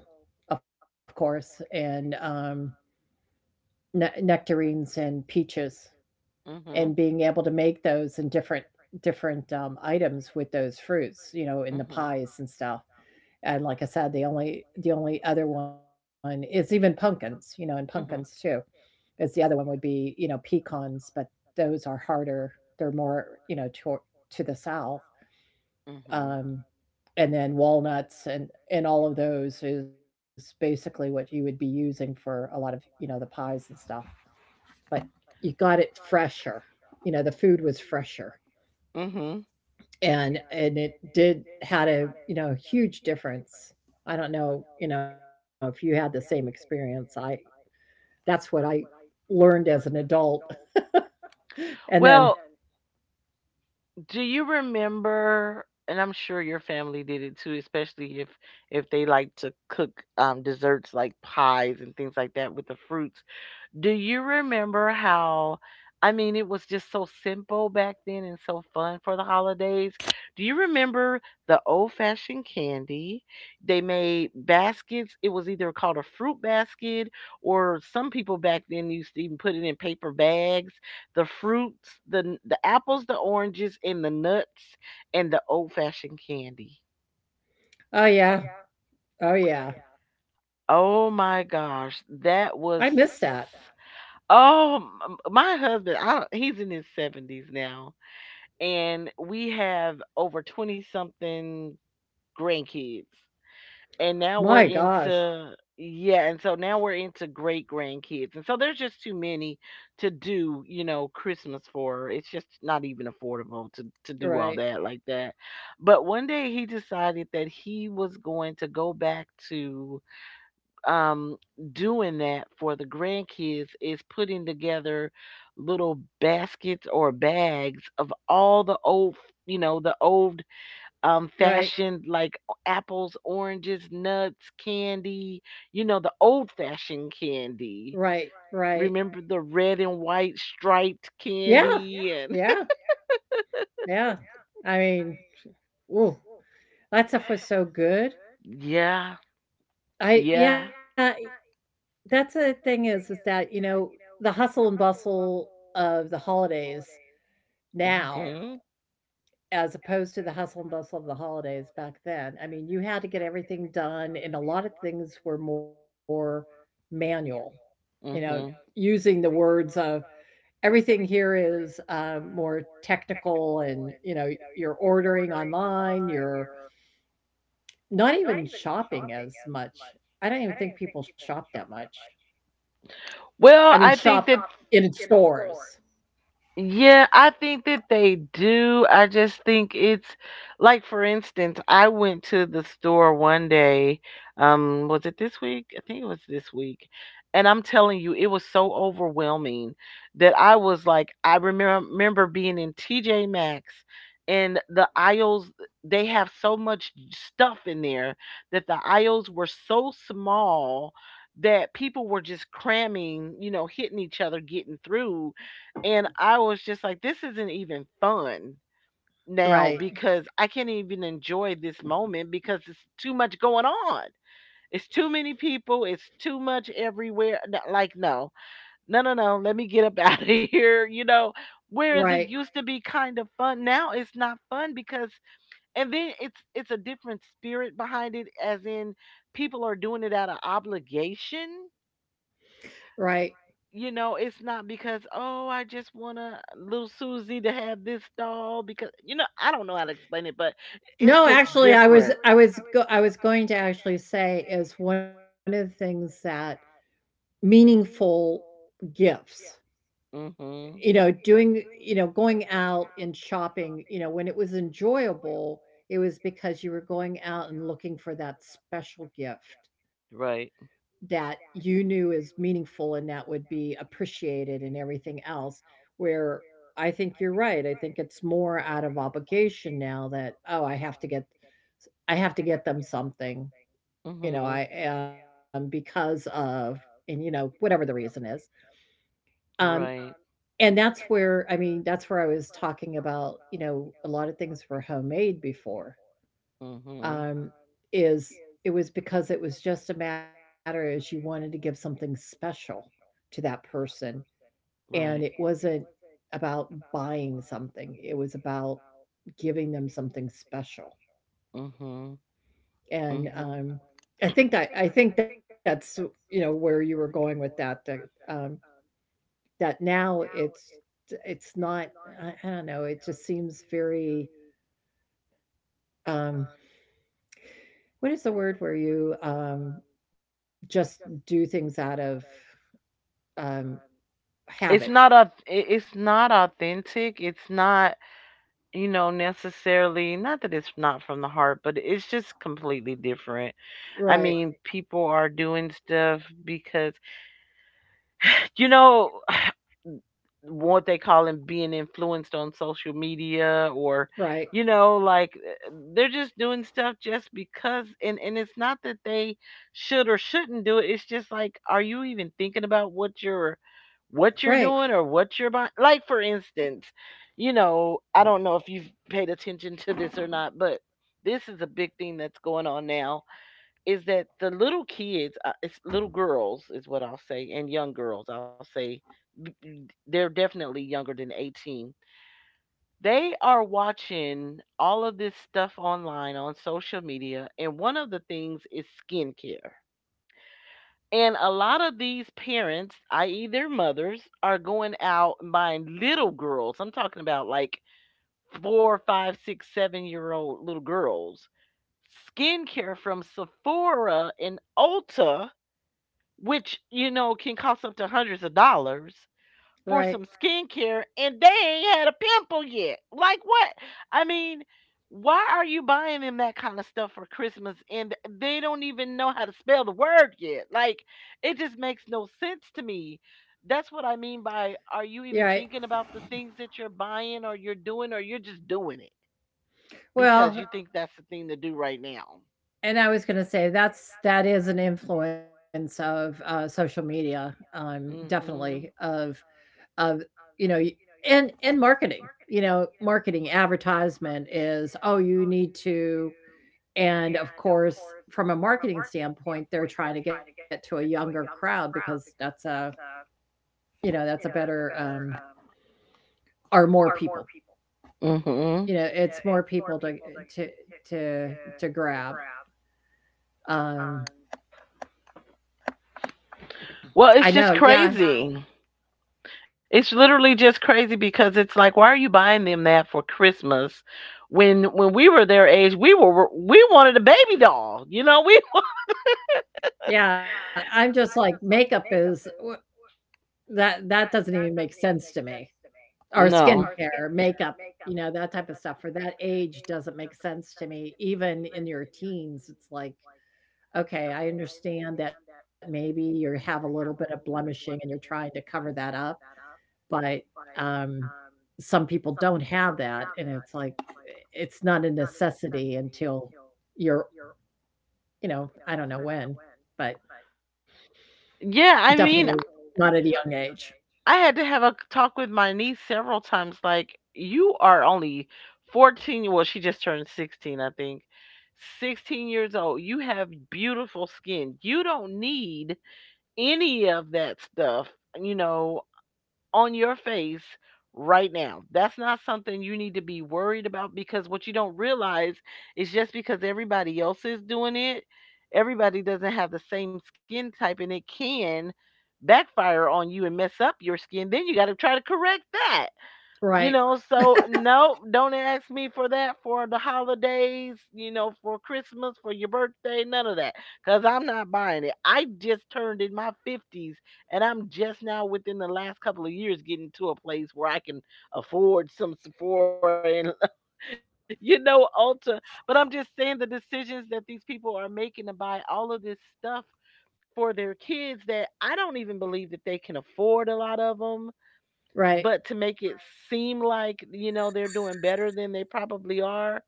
[SPEAKER 1] apple, of course, and um, ne- nectarines and peaches,
[SPEAKER 2] mhm.
[SPEAKER 1] and being able to make those in different different um, items with those fruits, you know,
[SPEAKER 2] Mhm.
[SPEAKER 1] in the pies and stuff. And like I said, the only the only other one is even pumpkins, you know, and pumpkins
[SPEAKER 2] Mhm.
[SPEAKER 1] too. Because the other one would be, you know, pecans, but those are harder. They're more, you know, to to the south.
[SPEAKER 2] Too.
[SPEAKER 1] Um, and then walnuts and and all of those is basically what you would be using for a lot of, you know, the pies and stuff. But you got it fresher. You know, the food was fresher.
[SPEAKER 2] Mhm. Mhm.
[SPEAKER 1] And and it did had a, you know, huge difference. I don't know, you know, if you had the same experience. I that's what I learned as an adult. And
[SPEAKER 2] Well,
[SPEAKER 1] then,
[SPEAKER 2] and do you remember, and I'm sure your family did it too, especially if if they like to cook, um, desserts like pies and things like that with the fruits. Do you remember how, I mean, it was just so simple back then and so fun for the holidays? Do you remember the old-fashioned candy? They made baskets. It was either called a fruit basket, or some people back then used to even put it in paper bags. The fruits, the the apples, the oranges and the nuts, and the old-fashioned candy.
[SPEAKER 1] oh yeah, oh, yeah.
[SPEAKER 2] Oh my gosh,
[SPEAKER 1] I
[SPEAKER 2] that
[SPEAKER 1] miss
[SPEAKER 2] was,
[SPEAKER 1] that.
[SPEAKER 2] oh, m- m- my husband, I don't, he's in his seventies now, and we have over twenty something grandkids. And now we're,
[SPEAKER 1] My
[SPEAKER 2] right,
[SPEAKER 1] gosh.
[SPEAKER 2] into, yeah, and so now we're into great grandkids. And so there's just too many to do, you know, Christmas for. It's just not even affordable to, to do all
[SPEAKER 1] Right.
[SPEAKER 2] that like that. But one day he decided that he was going to go back to, um, doing that for the grandkids, is putting together little baskets or bags of all the old, you know, the old, um,
[SPEAKER 1] Right.
[SPEAKER 2] fashioned like apples, oranges, nuts, candy, you know, the old fashioned candy.
[SPEAKER 1] Right. Right.
[SPEAKER 2] Right. Remember, right, the red and white striped
[SPEAKER 1] Yeah.
[SPEAKER 2] candy, yeah, and
[SPEAKER 1] Yeah. Yeah. I mean, ooh, that stuff was so good.
[SPEAKER 2] yeah, I,
[SPEAKER 1] I
[SPEAKER 2] yeah,
[SPEAKER 1] yeah, e, that's the thing, is is that, you know, the hustle and bustle of the holidays
[SPEAKER 2] yeah. Hmm. Now,
[SPEAKER 1] now
[SPEAKER 2] mhm,
[SPEAKER 1] as opposed to the hustle and bustle of the holidays back then. I mean, you had to get everything done, and a lot of things were more manual,
[SPEAKER 2] you,
[SPEAKER 1] you
[SPEAKER 2] mhm,
[SPEAKER 1] know,
[SPEAKER 2] know.
[SPEAKER 1] using the words of everything here is uh, more technical. And you know you're ordering online, you're not even shopping as much. I don't even think people shop that much.
[SPEAKER 2] Well,
[SPEAKER 1] I mean
[SPEAKER 2] I think
[SPEAKER 1] shop
[SPEAKER 2] that,
[SPEAKER 1] in stores.
[SPEAKER 2] yeah, I think that they do. I just think it's, like, for instance, I went to the store one day. Um, was it this week? I think it was this week. And I'm telling you, it was so overwhelming that I was like, I remember remember being in T J Maxx and the aisles, they have so much stuff in there that the aisles were so small that people were just cramming, you know, hitting each other, getting through. And I was just like, this isn't even fun
[SPEAKER 1] Right,
[SPEAKER 2] now because I can't even enjoy this moment because it's too much going on. It's too many people. It's too much everywhere. N- Like, no, no, no, no. Let me get up out of here. You know, whereas
[SPEAKER 1] right,
[SPEAKER 2] it used to be kind of fun. Now it's not fun because, and then it's it's a different spirit behind it. As in, people are doing it out of obligation.
[SPEAKER 1] right.
[SPEAKER 2] You know, it's not because, "Oh, I just want a little Susie to have this doll," because you know, I don't know how to explain it, but it's
[SPEAKER 1] No,
[SPEAKER 2] just just
[SPEAKER 1] actually, I was,
[SPEAKER 2] different.
[SPEAKER 1] I was, go- I was going to actually say is one of the things that meaningful gifts.
[SPEAKER 2] To actually say is what. Mhm.
[SPEAKER 1] You know, doing you know, going out and shopping, you know, when it was enjoyable, it was because you were going out and looking for that special gift
[SPEAKER 2] Right.
[SPEAKER 1] that you knew is meaningful and that would be appreciated and everything else. Where I think you're right. I think it's more out of obligation now, that oh, I have to get I have to get them something, you know,
[SPEAKER 2] Mhm.
[SPEAKER 1] I am because of and you know, whatever the reason is. Um,
[SPEAKER 2] Right.
[SPEAKER 1] And that's where I mean, that's where I was talking about, you know, a lot of things were homemade before.
[SPEAKER 2] um Mhm.
[SPEAKER 1] Um, is it was because it was just a matter is you wanted to give something special to that person. And it
[SPEAKER 2] Right.
[SPEAKER 1] wasn't about buying something. It was about giving them something special.
[SPEAKER 2] Mhm. And
[SPEAKER 1] And
[SPEAKER 2] Mhm.
[SPEAKER 1] um I think that I think that's, you know, where you were going with that. That, um that now it's it's not I I don't know, it just seems very, um what is the word where you, um, just do things out of, um, habit?
[SPEAKER 2] It's not a. It's not authentic. It's not, you know, necessarily, not that it's not from the heart, but it's just completely different. I
[SPEAKER 1] Right,
[SPEAKER 2] mean, people are doing stuff because, you know, what they call them being influenced on social media, or
[SPEAKER 1] right,
[SPEAKER 2] you know like uh, they're just doing stuff just because, and and it's not that they should or shouldn't do it. It's just like, are you even thinking about what you're, what you're
[SPEAKER 1] right,
[SPEAKER 2] doing or what you're buying? Like, for instance, you know I don't know if you've paid attention to this or not, but this is a big thing that's going on now, is that the little kids, uh, it's little girls, is what I'll say, and young girls, I'll say, b- b- they're definitely younger than eighteen. They are watching all of this stuff online on social media, and one of the things is skincare. And a lot of these parents, i e, their mothers, are going out and buying little girls. I'm talking about like four, five, six, seven year old little girls skincare from Sephora and Ulta, which, you know, can cost up to hundreds of dollars for
[SPEAKER 1] right,
[SPEAKER 2] some skincare, and they ain't had a pimple yet. Like, what? I mean, why are you buying them that kind of stuff for Christmas and they don't even know how to spell the word yet? Like, it just makes no sense to me. That's what I mean by, are you
[SPEAKER 1] you
[SPEAKER 2] even
[SPEAKER 1] right.
[SPEAKER 2] thinking about the things that you're buying or you're doing, or you're just doing it because you,
[SPEAKER 1] Well,
[SPEAKER 2] well, think that's the thing to do right now.
[SPEAKER 1] and I was gonna say that's that is an influence of,
[SPEAKER 2] And
[SPEAKER 1] uh,
[SPEAKER 2] so
[SPEAKER 1] social
[SPEAKER 2] uh,
[SPEAKER 1] media,
[SPEAKER 2] social media,
[SPEAKER 1] um,
[SPEAKER 2] uh,
[SPEAKER 1] definitely
[SPEAKER 2] Mhm. Definitely.
[SPEAKER 1] of of, you know, y and and marketing, you know, marketing advertisement is, "Oh, you need to." And of course, from a marketing standpoint, they're trying to get to a younger crowd because that's a, you know, that's a better um or more people.
[SPEAKER 2] Hmm.
[SPEAKER 1] You know, it's more people to to to to grab. Um I
[SPEAKER 2] Well,
[SPEAKER 1] know.
[SPEAKER 2] it's just
[SPEAKER 1] Yeah.
[SPEAKER 2] crazy. It's literally just crazy because it's like, why are you buying them that for Christmas? When when we were their age, we were we wanted a baby doll. You know, we.
[SPEAKER 1] Yeah, I'm just like makeup is wh- that that doesn't even make sense to me. Or
[SPEAKER 2] No.
[SPEAKER 1] skincare, makeup, you know, that type of stuff for that age doesn't make sense to me even in your teens. It's like okay, I understand that maybe you have a little bit of blemishing and you're trying to cover that up, but, um, some people don't have that, and it's like, it's not a necessity until you're, you know, I don't know when, but
[SPEAKER 2] Yeah, I
[SPEAKER 1] definitely
[SPEAKER 2] mean,
[SPEAKER 1] not at a young age.
[SPEAKER 2] I had to have a talk with my niece several times. Like, you are only fourteen. Well, she just turned sixteen, I think. sixteen years old. You have beautiful skin. You don't need any of that stuff, you know, on your face right now. That's not something you need to be worried about, because what you don't realize is, just because everybody else is doing it, everybody doesn't have the same skin type and it can backfire on you and mess up your skin. Then you got to try to correct that. You
[SPEAKER 1] Right,
[SPEAKER 2] know, so no, don't ask me for that for the holidays, you know, for Christmas, for your birthday, none of that. Cause I'm not buying it. I just turned in my fifties, and I'm just now within the last couple of years getting to a place where I can afford some Sephora and, you know, Ulta. But I'm just saying, the decisions that these people are making to buy all of this stuff for their kids, that I don't even believe that they can afford a lot of them,
[SPEAKER 1] right,
[SPEAKER 2] but to make it, right, seem like, you know, they're doing better than they probably are.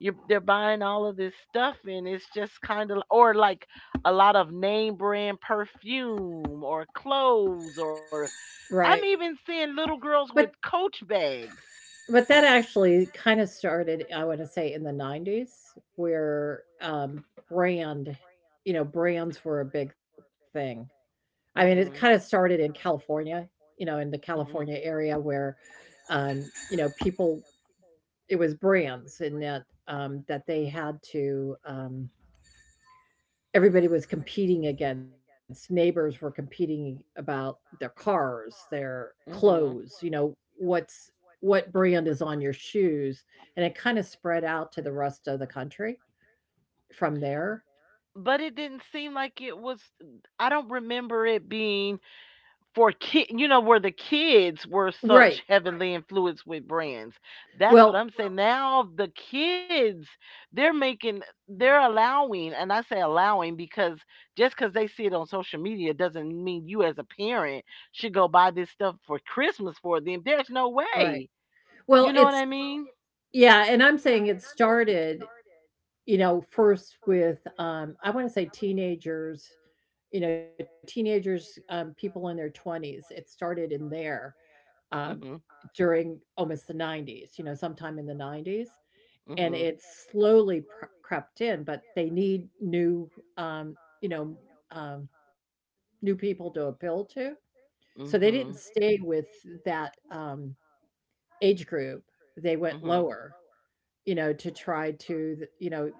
[SPEAKER 2] You're They're buying all of this stuff, and it's just kind of, or like a lot of name brand perfume or clothes, or
[SPEAKER 1] right.
[SPEAKER 2] I'm even seeing little girls
[SPEAKER 1] But
[SPEAKER 2] with coach bags.
[SPEAKER 1] But that actually kind of started, I wanna say, in the nineties, where, um, brand you know, brands were a big thing. I mean, it kinda
[SPEAKER 2] Hmm.
[SPEAKER 1] started in California, you know, in the California
[SPEAKER 2] Hmm.
[SPEAKER 1] area where, um, you know, people it was brands and that, um, that they had to, um everybody was competing against neighbors were competing about their cars, their
[SPEAKER 2] Hmm.
[SPEAKER 1] clothes, you know, what's what brand is on your shoes, and it kinda spread out to the rest of the country from there.
[SPEAKER 2] But it didn't seem like it was, I don't remember it being for kid, you know, where the kids were
[SPEAKER 1] Right.
[SPEAKER 2] such heavily influenced with brands. That's what
[SPEAKER 1] Well
[SPEAKER 2] I'm saying, now the kids, they're making, they're allowing, and I say allowing because, just because they see it on social media doesn't mean you as a parent should go buy this stuff for Christmas for them. There's no
[SPEAKER 1] right.
[SPEAKER 2] way.
[SPEAKER 1] Well,
[SPEAKER 2] You know what
[SPEAKER 1] it's
[SPEAKER 2] I mean?
[SPEAKER 1] yeah, and I'm saying it started, you know, first with, um, I wanna say teenagers, you know, teenagers, um, people in their twenties, it started in there, um,
[SPEAKER 2] Mhm.
[SPEAKER 1] during almost the nineties, you know, sometime in the nineties, and
[SPEAKER 2] Mhm.
[SPEAKER 1] it slowly pr crept in, but they need new, um, you know, um, new people to appeal to. So they didn't
[SPEAKER 2] Mhm.
[SPEAKER 1] stay with that, um, age group. They went
[SPEAKER 2] Mhm.
[SPEAKER 1] lower, you know, to try to, th you know,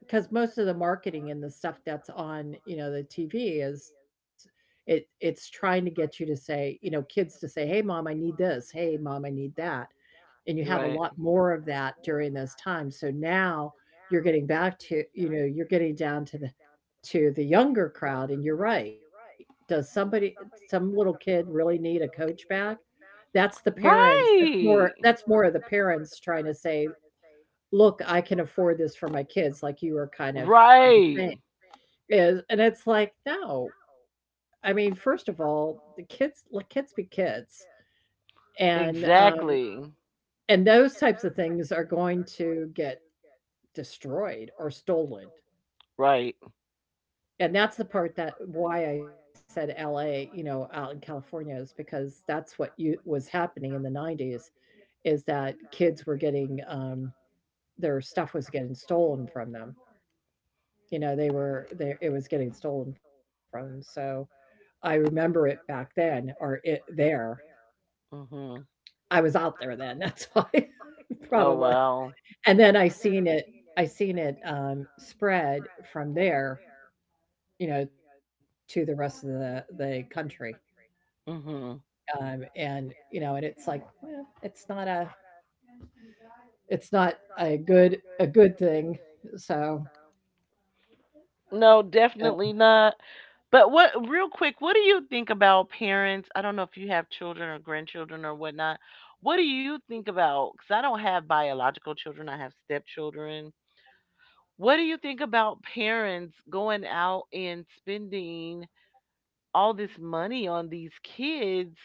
[SPEAKER 1] because most of the marketing and the stuff that's on, you know, the T V is it it's trying to get you to say, you know, kids to say, "Hey, mom, I need this. Hey, mom, I need that." And you have a
[SPEAKER 2] Right.
[SPEAKER 1] lot more of that during those times. So now you're getting back to, you know, you're getting down to the to the younger crowd and you're right. Does somebody some little kid really need a coach back? That's the parents. That's more
[SPEAKER 2] Right.
[SPEAKER 1] that's more of the parents trying to say, "Look, I can afford this for my kids," like you were kind of um,
[SPEAKER 2] Right.
[SPEAKER 1] saying. Is and it's like, "No." I mean, first of all, the kids let kids be kids. And um
[SPEAKER 2] Exactly.
[SPEAKER 1] and those types of things are going to get destroyed or stolen.
[SPEAKER 2] Right.
[SPEAKER 1] And that's the part that why I said L A, you know, out in California is because that's what you was happening in the nineties is that kids were getting um their stuff was getting stolen from them. You know, they were they it was getting stolen from them. So I remember it back then or it there.
[SPEAKER 2] Mhm.
[SPEAKER 1] I was out there then, that's why
[SPEAKER 2] Oh,
[SPEAKER 1] probably.
[SPEAKER 2] wow.
[SPEAKER 1] And then I seen it I seen it, um, spread from there, you know, to the rest of the the country,
[SPEAKER 2] Mhm.
[SPEAKER 1] um, and, you know, and it's like, eh, it's not a it's not a good a good thing, so,
[SPEAKER 2] No,
[SPEAKER 1] yeah.
[SPEAKER 2] definitely not. But what, real quick, what do you think about parents? I don't know if you have children or grandchildren or whatnot. What do you think about, cuz I don't have biological children, I have stepchildren. What do you think about parents going out and spending all this money on these kids,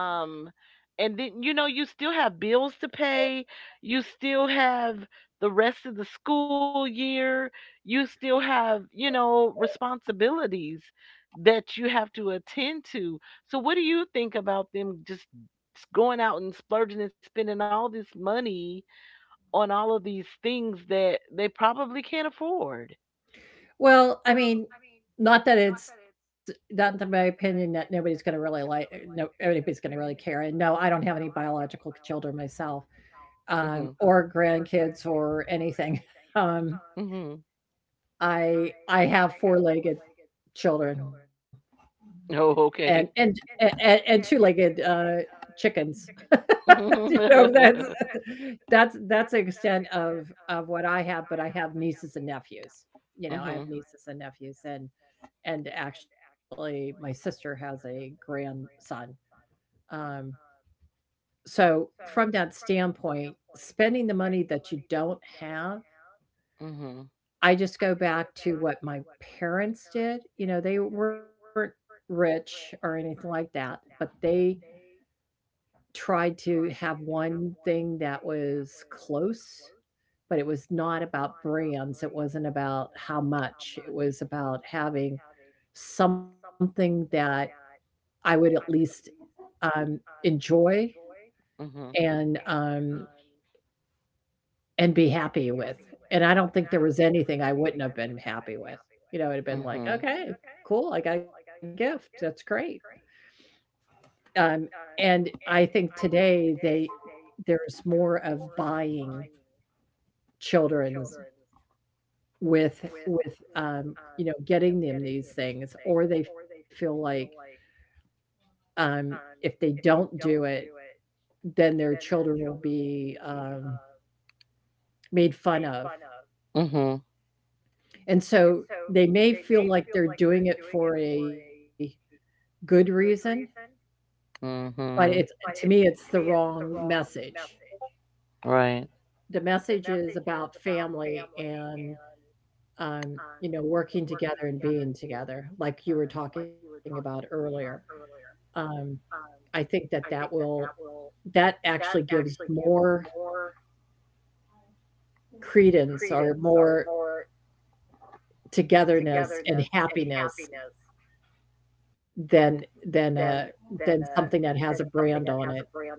[SPEAKER 2] um, and then, you know, you still have bills to pay, you still have the rest of the school year, you still have, you know, responsibilities that you have to attend to. So what do you think about them just going out and splurging and spending all this money on all of these things that they probably can't afford?
[SPEAKER 1] Well, I mean, not that it's not that my opinion that nobody's gonna really like no anybody's gonna really care, and no, I don't have any biological children myself, um,
[SPEAKER 2] Mhm.
[SPEAKER 1] or grandkids or anything, um
[SPEAKER 2] Mhm.
[SPEAKER 1] I I have four-legged children and
[SPEAKER 2] Oh,
[SPEAKER 1] and
[SPEAKER 2] okay.
[SPEAKER 1] a and two-legged, uh, chickens. You know, that's that's that's the extent of of what I have, but I have nieces and nephews. You know, I have
[SPEAKER 2] Mhm.
[SPEAKER 1] nieces and nephews, and and actually, my sister has a grandson. Um, so from that standpoint, spending the money that you don't have
[SPEAKER 2] Mhm.
[SPEAKER 1] I just go back to what my parents did. You know, they weren't rich or anything like that, but they tried to have one thing that was close, but it was not about brands. It wasn't about how much. It was about having something that I would at least um, enjoy
[SPEAKER 2] Mhm.
[SPEAKER 1] and um, and be happy with, and I don't think there was anything I wouldn't have been happy with. You know, it'd have been like,
[SPEAKER 2] Mhm.
[SPEAKER 1] "Okay, cool, I got a gift, that's great." Um, and I think today they there's more of buying children's with with, um, you know, getting them these things, or they feel like, um, if they don't do it, then their children will be, um, made fun of,
[SPEAKER 2] Mhm.
[SPEAKER 1] and so they may feel like they're doing it for a good reason, but it's
[SPEAKER 2] Mhm.
[SPEAKER 1] to me, it's the wrong message.
[SPEAKER 2] Right.
[SPEAKER 1] The message is about family and, um, you know, working together and being together, like you were talking about earlier. Um, I think that that will that actually gives more credence or more togetherness and happiness than than a than something that has a brand on it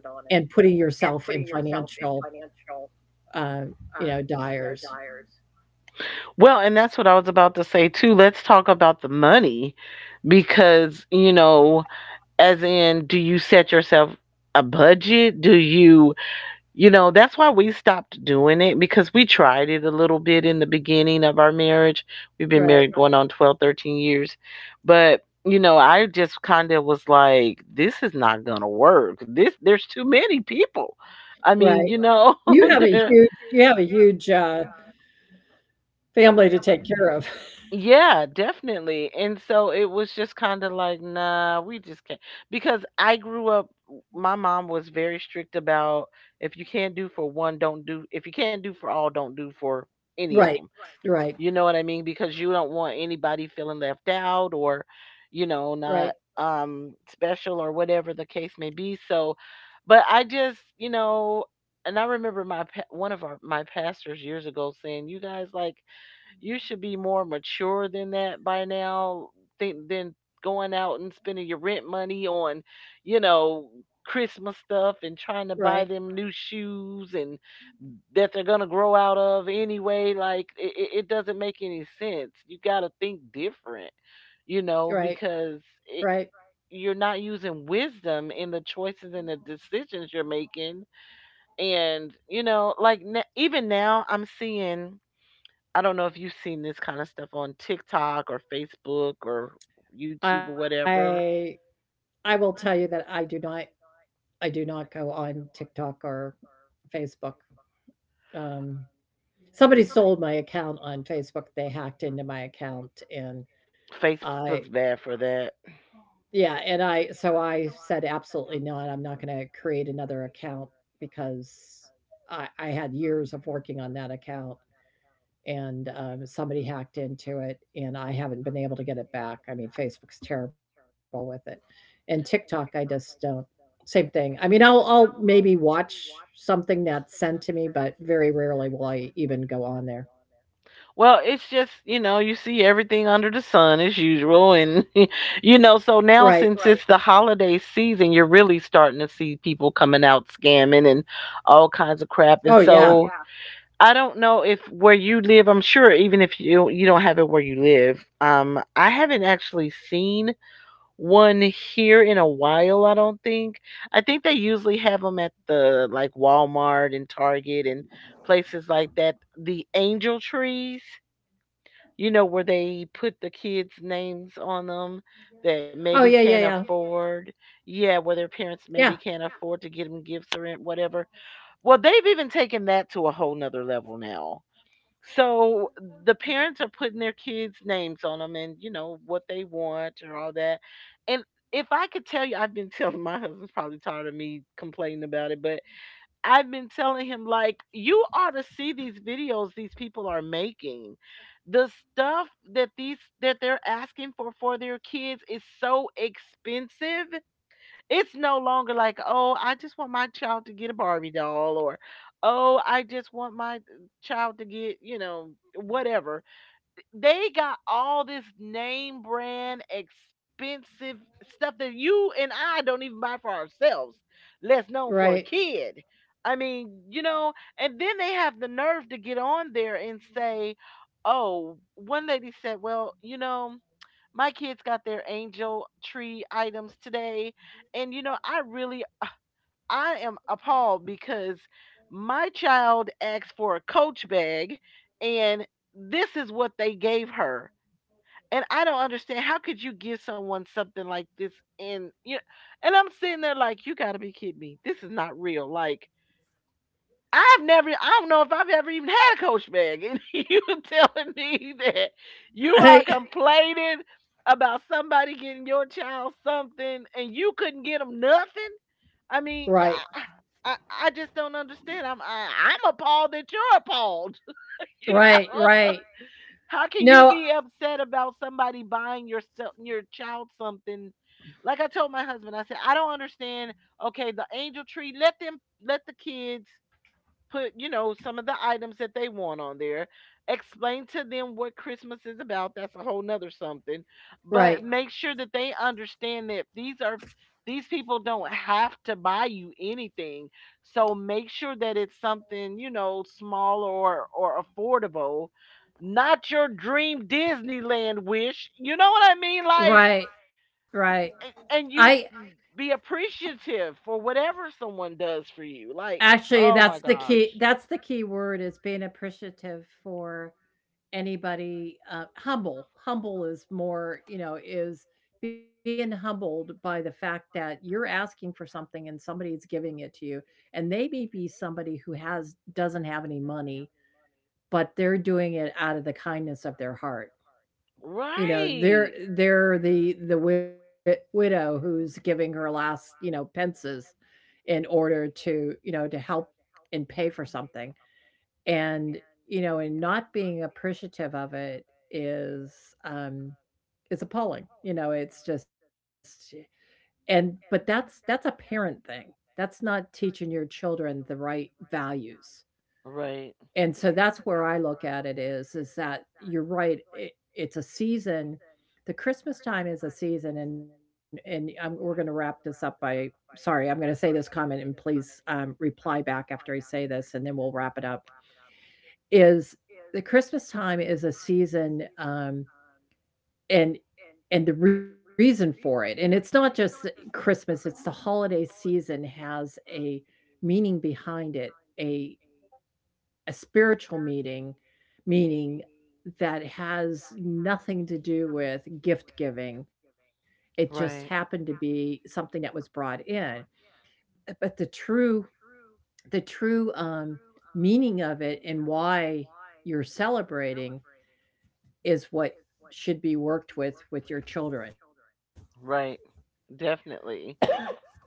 [SPEAKER 1] and putting yourself in financial, uh, you know, dyers.
[SPEAKER 2] Well, and that's what I was about to say too. Let's talk about the money because, you know, as in, do you set yourself a budget? Do you, you know, that's why we stopped doing it, because we tried it a little bit in the beginning of our marriage. We've been
[SPEAKER 1] Right.
[SPEAKER 2] married going on twelve, thirteen years. But, you know, I just kind of was like, this is not going to work. This There's too many people. I mean,
[SPEAKER 1] Right.
[SPEAKER 2] you know,
[SPEAKER 1] You have a
[SPEAKER 2] there.
[SPEAKER 1] huge you have a huge, uh, family to take care of.
[SPEAKER 2] Yeah, definitely. And so it was just kind of like, nah, we just can't. Because I grew up, my mom was very strict about, if you can't do for one, don't do. If you can't do for all, don't do for any of
[SPEAKER 1] Right.
[SPEAKER 2] them. You
[SPEAKER 1] Right.
[SPEAKER 2] know what I mean? Because you don't want anybody feeling left out, or, you
[SPEAKER 1] Right.
[SPEAKER 2] know, not um special or whatever the case may be. So, but I just, you know, and I remember my pa- one of our my pastors years ago saying, "You guys like." You should be more mature than that by now, than than going out and spending your rent money on, you know, Christmas stuff and trying to buy
[SPEAKER 1] Right.
[SPEAKER 2] them new shoes and that they're gonna grow out of anyway. Like, it, it it doesn't make any sense. You gotta think different, you know,
[SPEAKER 1] Right.
[SPEAKER 2] because
[SPEAKER 1] Right.
[SPEAKER 2] it, you're not using wisdom in the choices and the decisions you're making. And you know, like n even now, I'm seeing, I don't know if you've seen this kind of stuff on TikTok or Facebook or YouTube or
[SPEAKER 1] I
[SPEAKER 2] whatever.
[SPEAKER 1] I will tell you that I do not I do not go on TikTok or Facebook. Um, Somebody stole my account on Facebook. They hacked into my account and
[SPEAKER 2] Facebook's
[SPEAKER 1] I
[SPEAKER 2] bad for that.
[SPEAKER 1] yeah, and I so I said absolutely not. I'm not gonna create another account because I I had years of working on that account and um, somebody hacked into it, and I haven't been able to get it back. I mean, Facebook's terrible with it. And TikTok, I just don't same thing. I mean, i'll i'll maybe watch something that's sent to me, but very rarely will I even go on there.
[SPEAKER 2] Well, it's just, you know, you see everything under the sun as usual. And, you know, so
[SPEAKER 1] Right.
[SPEAKER 2] now, since right, it's the holiday season, you're really starting to see people coming out scamming and all kinds of crap. And, oh,
[SPEAKER 1] Oh
[SPEAKER 2] so yeah.
[SPEAKER 1] yeah.
[SPEAKER 2] I don't know if where you live, I'm sure even if you, you don't have it where you live, um, I haven't actually seen one here in a while, I don't think. I think they usually have them at the like Walmart and Target and places like that. The angel trees, you know, where they put the kids' names on them that maybe
[SPEAKER 1] Oh yeah,
[SPEAKER 2] can't, oh yeah,
[SPEAKER 1] yeah,
[SPEAKER 2] yeah, yeah,
[SPEAKER 1] yeah.
[SPEAKER 2] afford. Yeah, where their parents maybe
[SPEAKER 1] Yeah.
[SPEAKER 2] can't afford to get them gifts or whatever. Well, they've even taken that to a whole nother level now, so the parents are putting their kids' names on them and, you know, what they want and all that. And if I could tell you, I've been telling my husband's probably tired of me complaining about it, but I've been telling him, like, you ought to see these videos these people are making. The stuff that these that they're asking for for their kids is so expensive, it's no longer like, "Oh, I just want my child to get a Barbie doll," or, "Oh, I just want my, uh, child to get, you know, whatever." They got all this name brand expensive stuff that you and I don't even buy for ourselves, less known for a
[SPEAKER 1] Right.
[SPEAKER 2] kid. I mean, you know, and then they have the nerve to get on there and say, oh, one lady said, "Well, you know, my kids got their angel tree items today and, you know, I really, I am appalled because my child asked for a coach bag, and this is what they gave her, and I don't understand, how could you give someone something like this?" And, you know, and I'm sitting there like, you got to be kidding me, this is not real. Like, I've never, I don't know if I've ever even had a coach bag. And you telling me that you are
[SPEAKER 1] I,
[SPEAKER 2] complaining about somebody getting your child something and you couldn't get them nothing? I mean,
[SPEAKER 1] right,
[SPEAKER 2] yeah, I, I, I just don't understand. I'm, I, I'm appalled that you're appalled. You
[SPEAKER 1] right,
[SPEAKER 2] know,
[SPEAKER 1] right.
[SPEAKER 2] how can you
[SPEAKER 1] No.
[SPEAKER 2] be upset about somebody buying your se- your child something? Like, I told my husband, I said, I don't understand. Okay, the angel tree, let them, let the kids put, you know, some of the items that they want on there. Explain to them what Christmas is about. That's a whole nother something. But
[SPEAKER 1] Right,
[SPEAKER 2] make sure that they understand that these are, these people don't have to buy you anything. So make sure that it's something, you know, small or or affordable. Not your dream Disneyland wish. You know what I mean? Like,
[SPEAKER 1] right, right.
[SPEAKER 2] and,
[SPEAKER 1] I
[SPEAKER 2] and you be appreciative for whatever someone does for you. Like,
[SPEAKER 1] Actually,
[SPEAKER 2] oh my
[SPEAKER 1] that's the key,
[SPEAKER 2] gosh.
[SPEAKER 1] that's the key word is being appreciative for anybody. Uh, humble. Humble is more, you know, is being humbled by the fact that you're asking for something and somebody's giving it to you, and they may be somebody who has doesn't have any money, but they're doing it out of the kindness of their heart. You know, they're
[SPEAKER 2] Right.
[SPEAKER 1] they're the the wit- widow who's giving her last, you know, pences in order to, you know, to help and pay for something and, you know, and not being appreciative of it is, um, is appalling. You know, it's just and but that's that's a parent thing. That's not teaching your children the right values.
[SPEAKER 2] Right,
[SPEAKER 1] And so that's where I look at it is is that you're right. It, it's a season. The Christmas time is a season, and and I we're going to wrap this up by. Sorry, I'm going to say this comment, and please um, reply back after I say this, and then we'll wrap it up is the Christmas time is a season, um, and and the reason for it, and it's not just Christmas, it's the holiday season has a meaning behind it, a a spiritual meaning, meaning that has nothing to do with gift giving. It just
[SPEAKER 2] right,
[SPEAKER 1] happened to be something that was brought in. Uh, But the true the true um, meaning of it and why you're celebrating is what should be worked with with your children.
[SPEAKER 2] right. Definitely.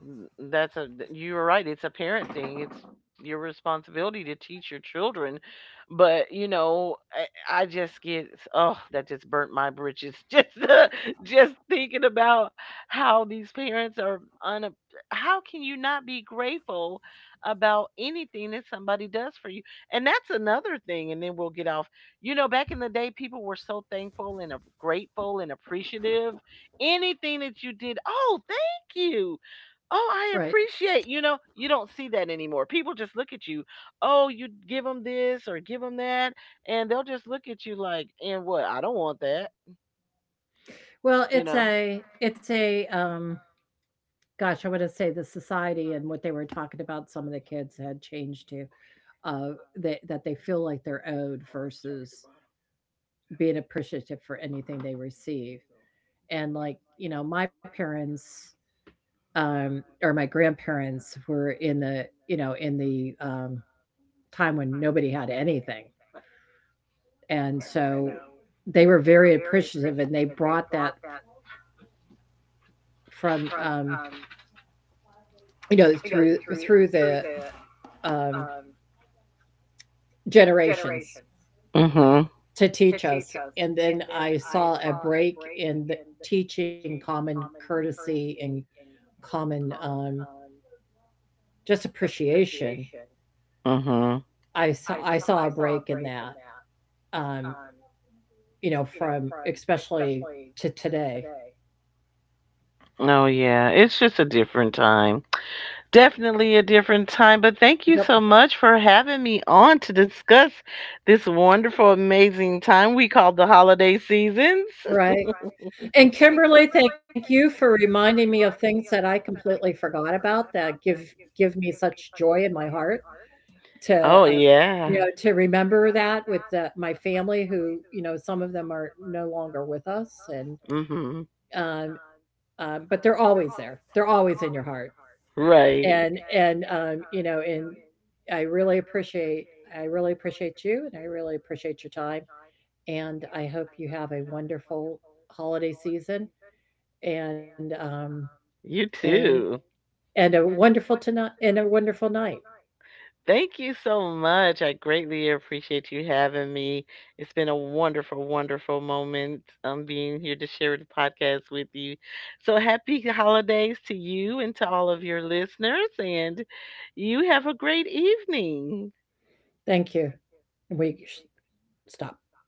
[SPEAKER 2] N- that's a th- you were right, it's a parent thing, it's your responsibility to teach your children. But you know, i, I just get, oh, that just burnt my britches. Just uh, just thinking about how these parents are un how can you not be grateful about anything that somebody does for you? And that's another thing, and then we'll get off, you know, back in the day, people were so thankful and, uh, grateful and appreciative. Anything that you did, oh, thank you, oh,
[SPEAKER 1] Right.
[SPEAKER 2] I appreciate, you know, you don't see that anymore. People just look at you. Oh, you give them this or give them that, and they'll just look at you like, and what? I don't want that,
[SPEAKER 1] Well,
[SPEAKER 2] you
[SPEAKER 1] it's
[SPEAKER 2] know.
[SPEAKER 1] a it's a um gosh, I want to say the society and what they were talking about some of the kids had changed to uh that that they feel like they're owed versus being appreciative for anything they receive. And like, you know, my parents um or my grandparents were in the, you know, in the um time when nobody had anything. And so they were very appreciative and they brought that from, um, you know, through through the um, generations
[SPEAKER 2] Mhm.
[SPEAKER 1] to teach us. And then I saw a break in the teaching common courtesy and common um, just appreciation.
[SPEAKER 2] Mhm.
[SPEAKER 1] I saw I saw a break in that, um, you know, from especially to today.
[SPEAKER 2] No, yeah. It's just a different time. Definitely a different time, but thank you
[SPEAKER 1] Yep.
[SPEAKER 2] so much for having me on to discuss this wonderful amazing time we call the holiday seasons.
[SPEAKER 1] Right. And Kimberly, thank you for reminding me of things that I completely forgot about that give give me such joy in my heart. To,
[SPEAKER 2] Oh,
[SPEAKER 1] uh,
[SPEAKER 2] yeah.
[SPEAKER 1] you know, to remember that with the my family who, you know, some of them are no longer with us and,
[SPEAKER 2] Mhm.
[SPEAKER 1] um, um, but they're always there. They're always in your heart.
[SPEAKER 2] Right.
[SPEAKER 1] And, and, um, you know, and I really appreciate, I really appreciate you and I really appreciate your time. And I hope you have a wonderful holiday season and, um,
[SPEAKER 2] You
[SPEAKER 1] and,
[SPEAKER 2] too.
[SPEAKER 1] and a wonderful tonight and a wonderful night.
[SPEAKER 2] Thank you so much. I greatly appreciate you having me. It's been a wonderful, wonderful moment, um, being here to share the podcast with you. So happy holidays to you and to all of your listeners, and you have a great evening.
[SPEAKER 1] Thank you. We sh- Stop.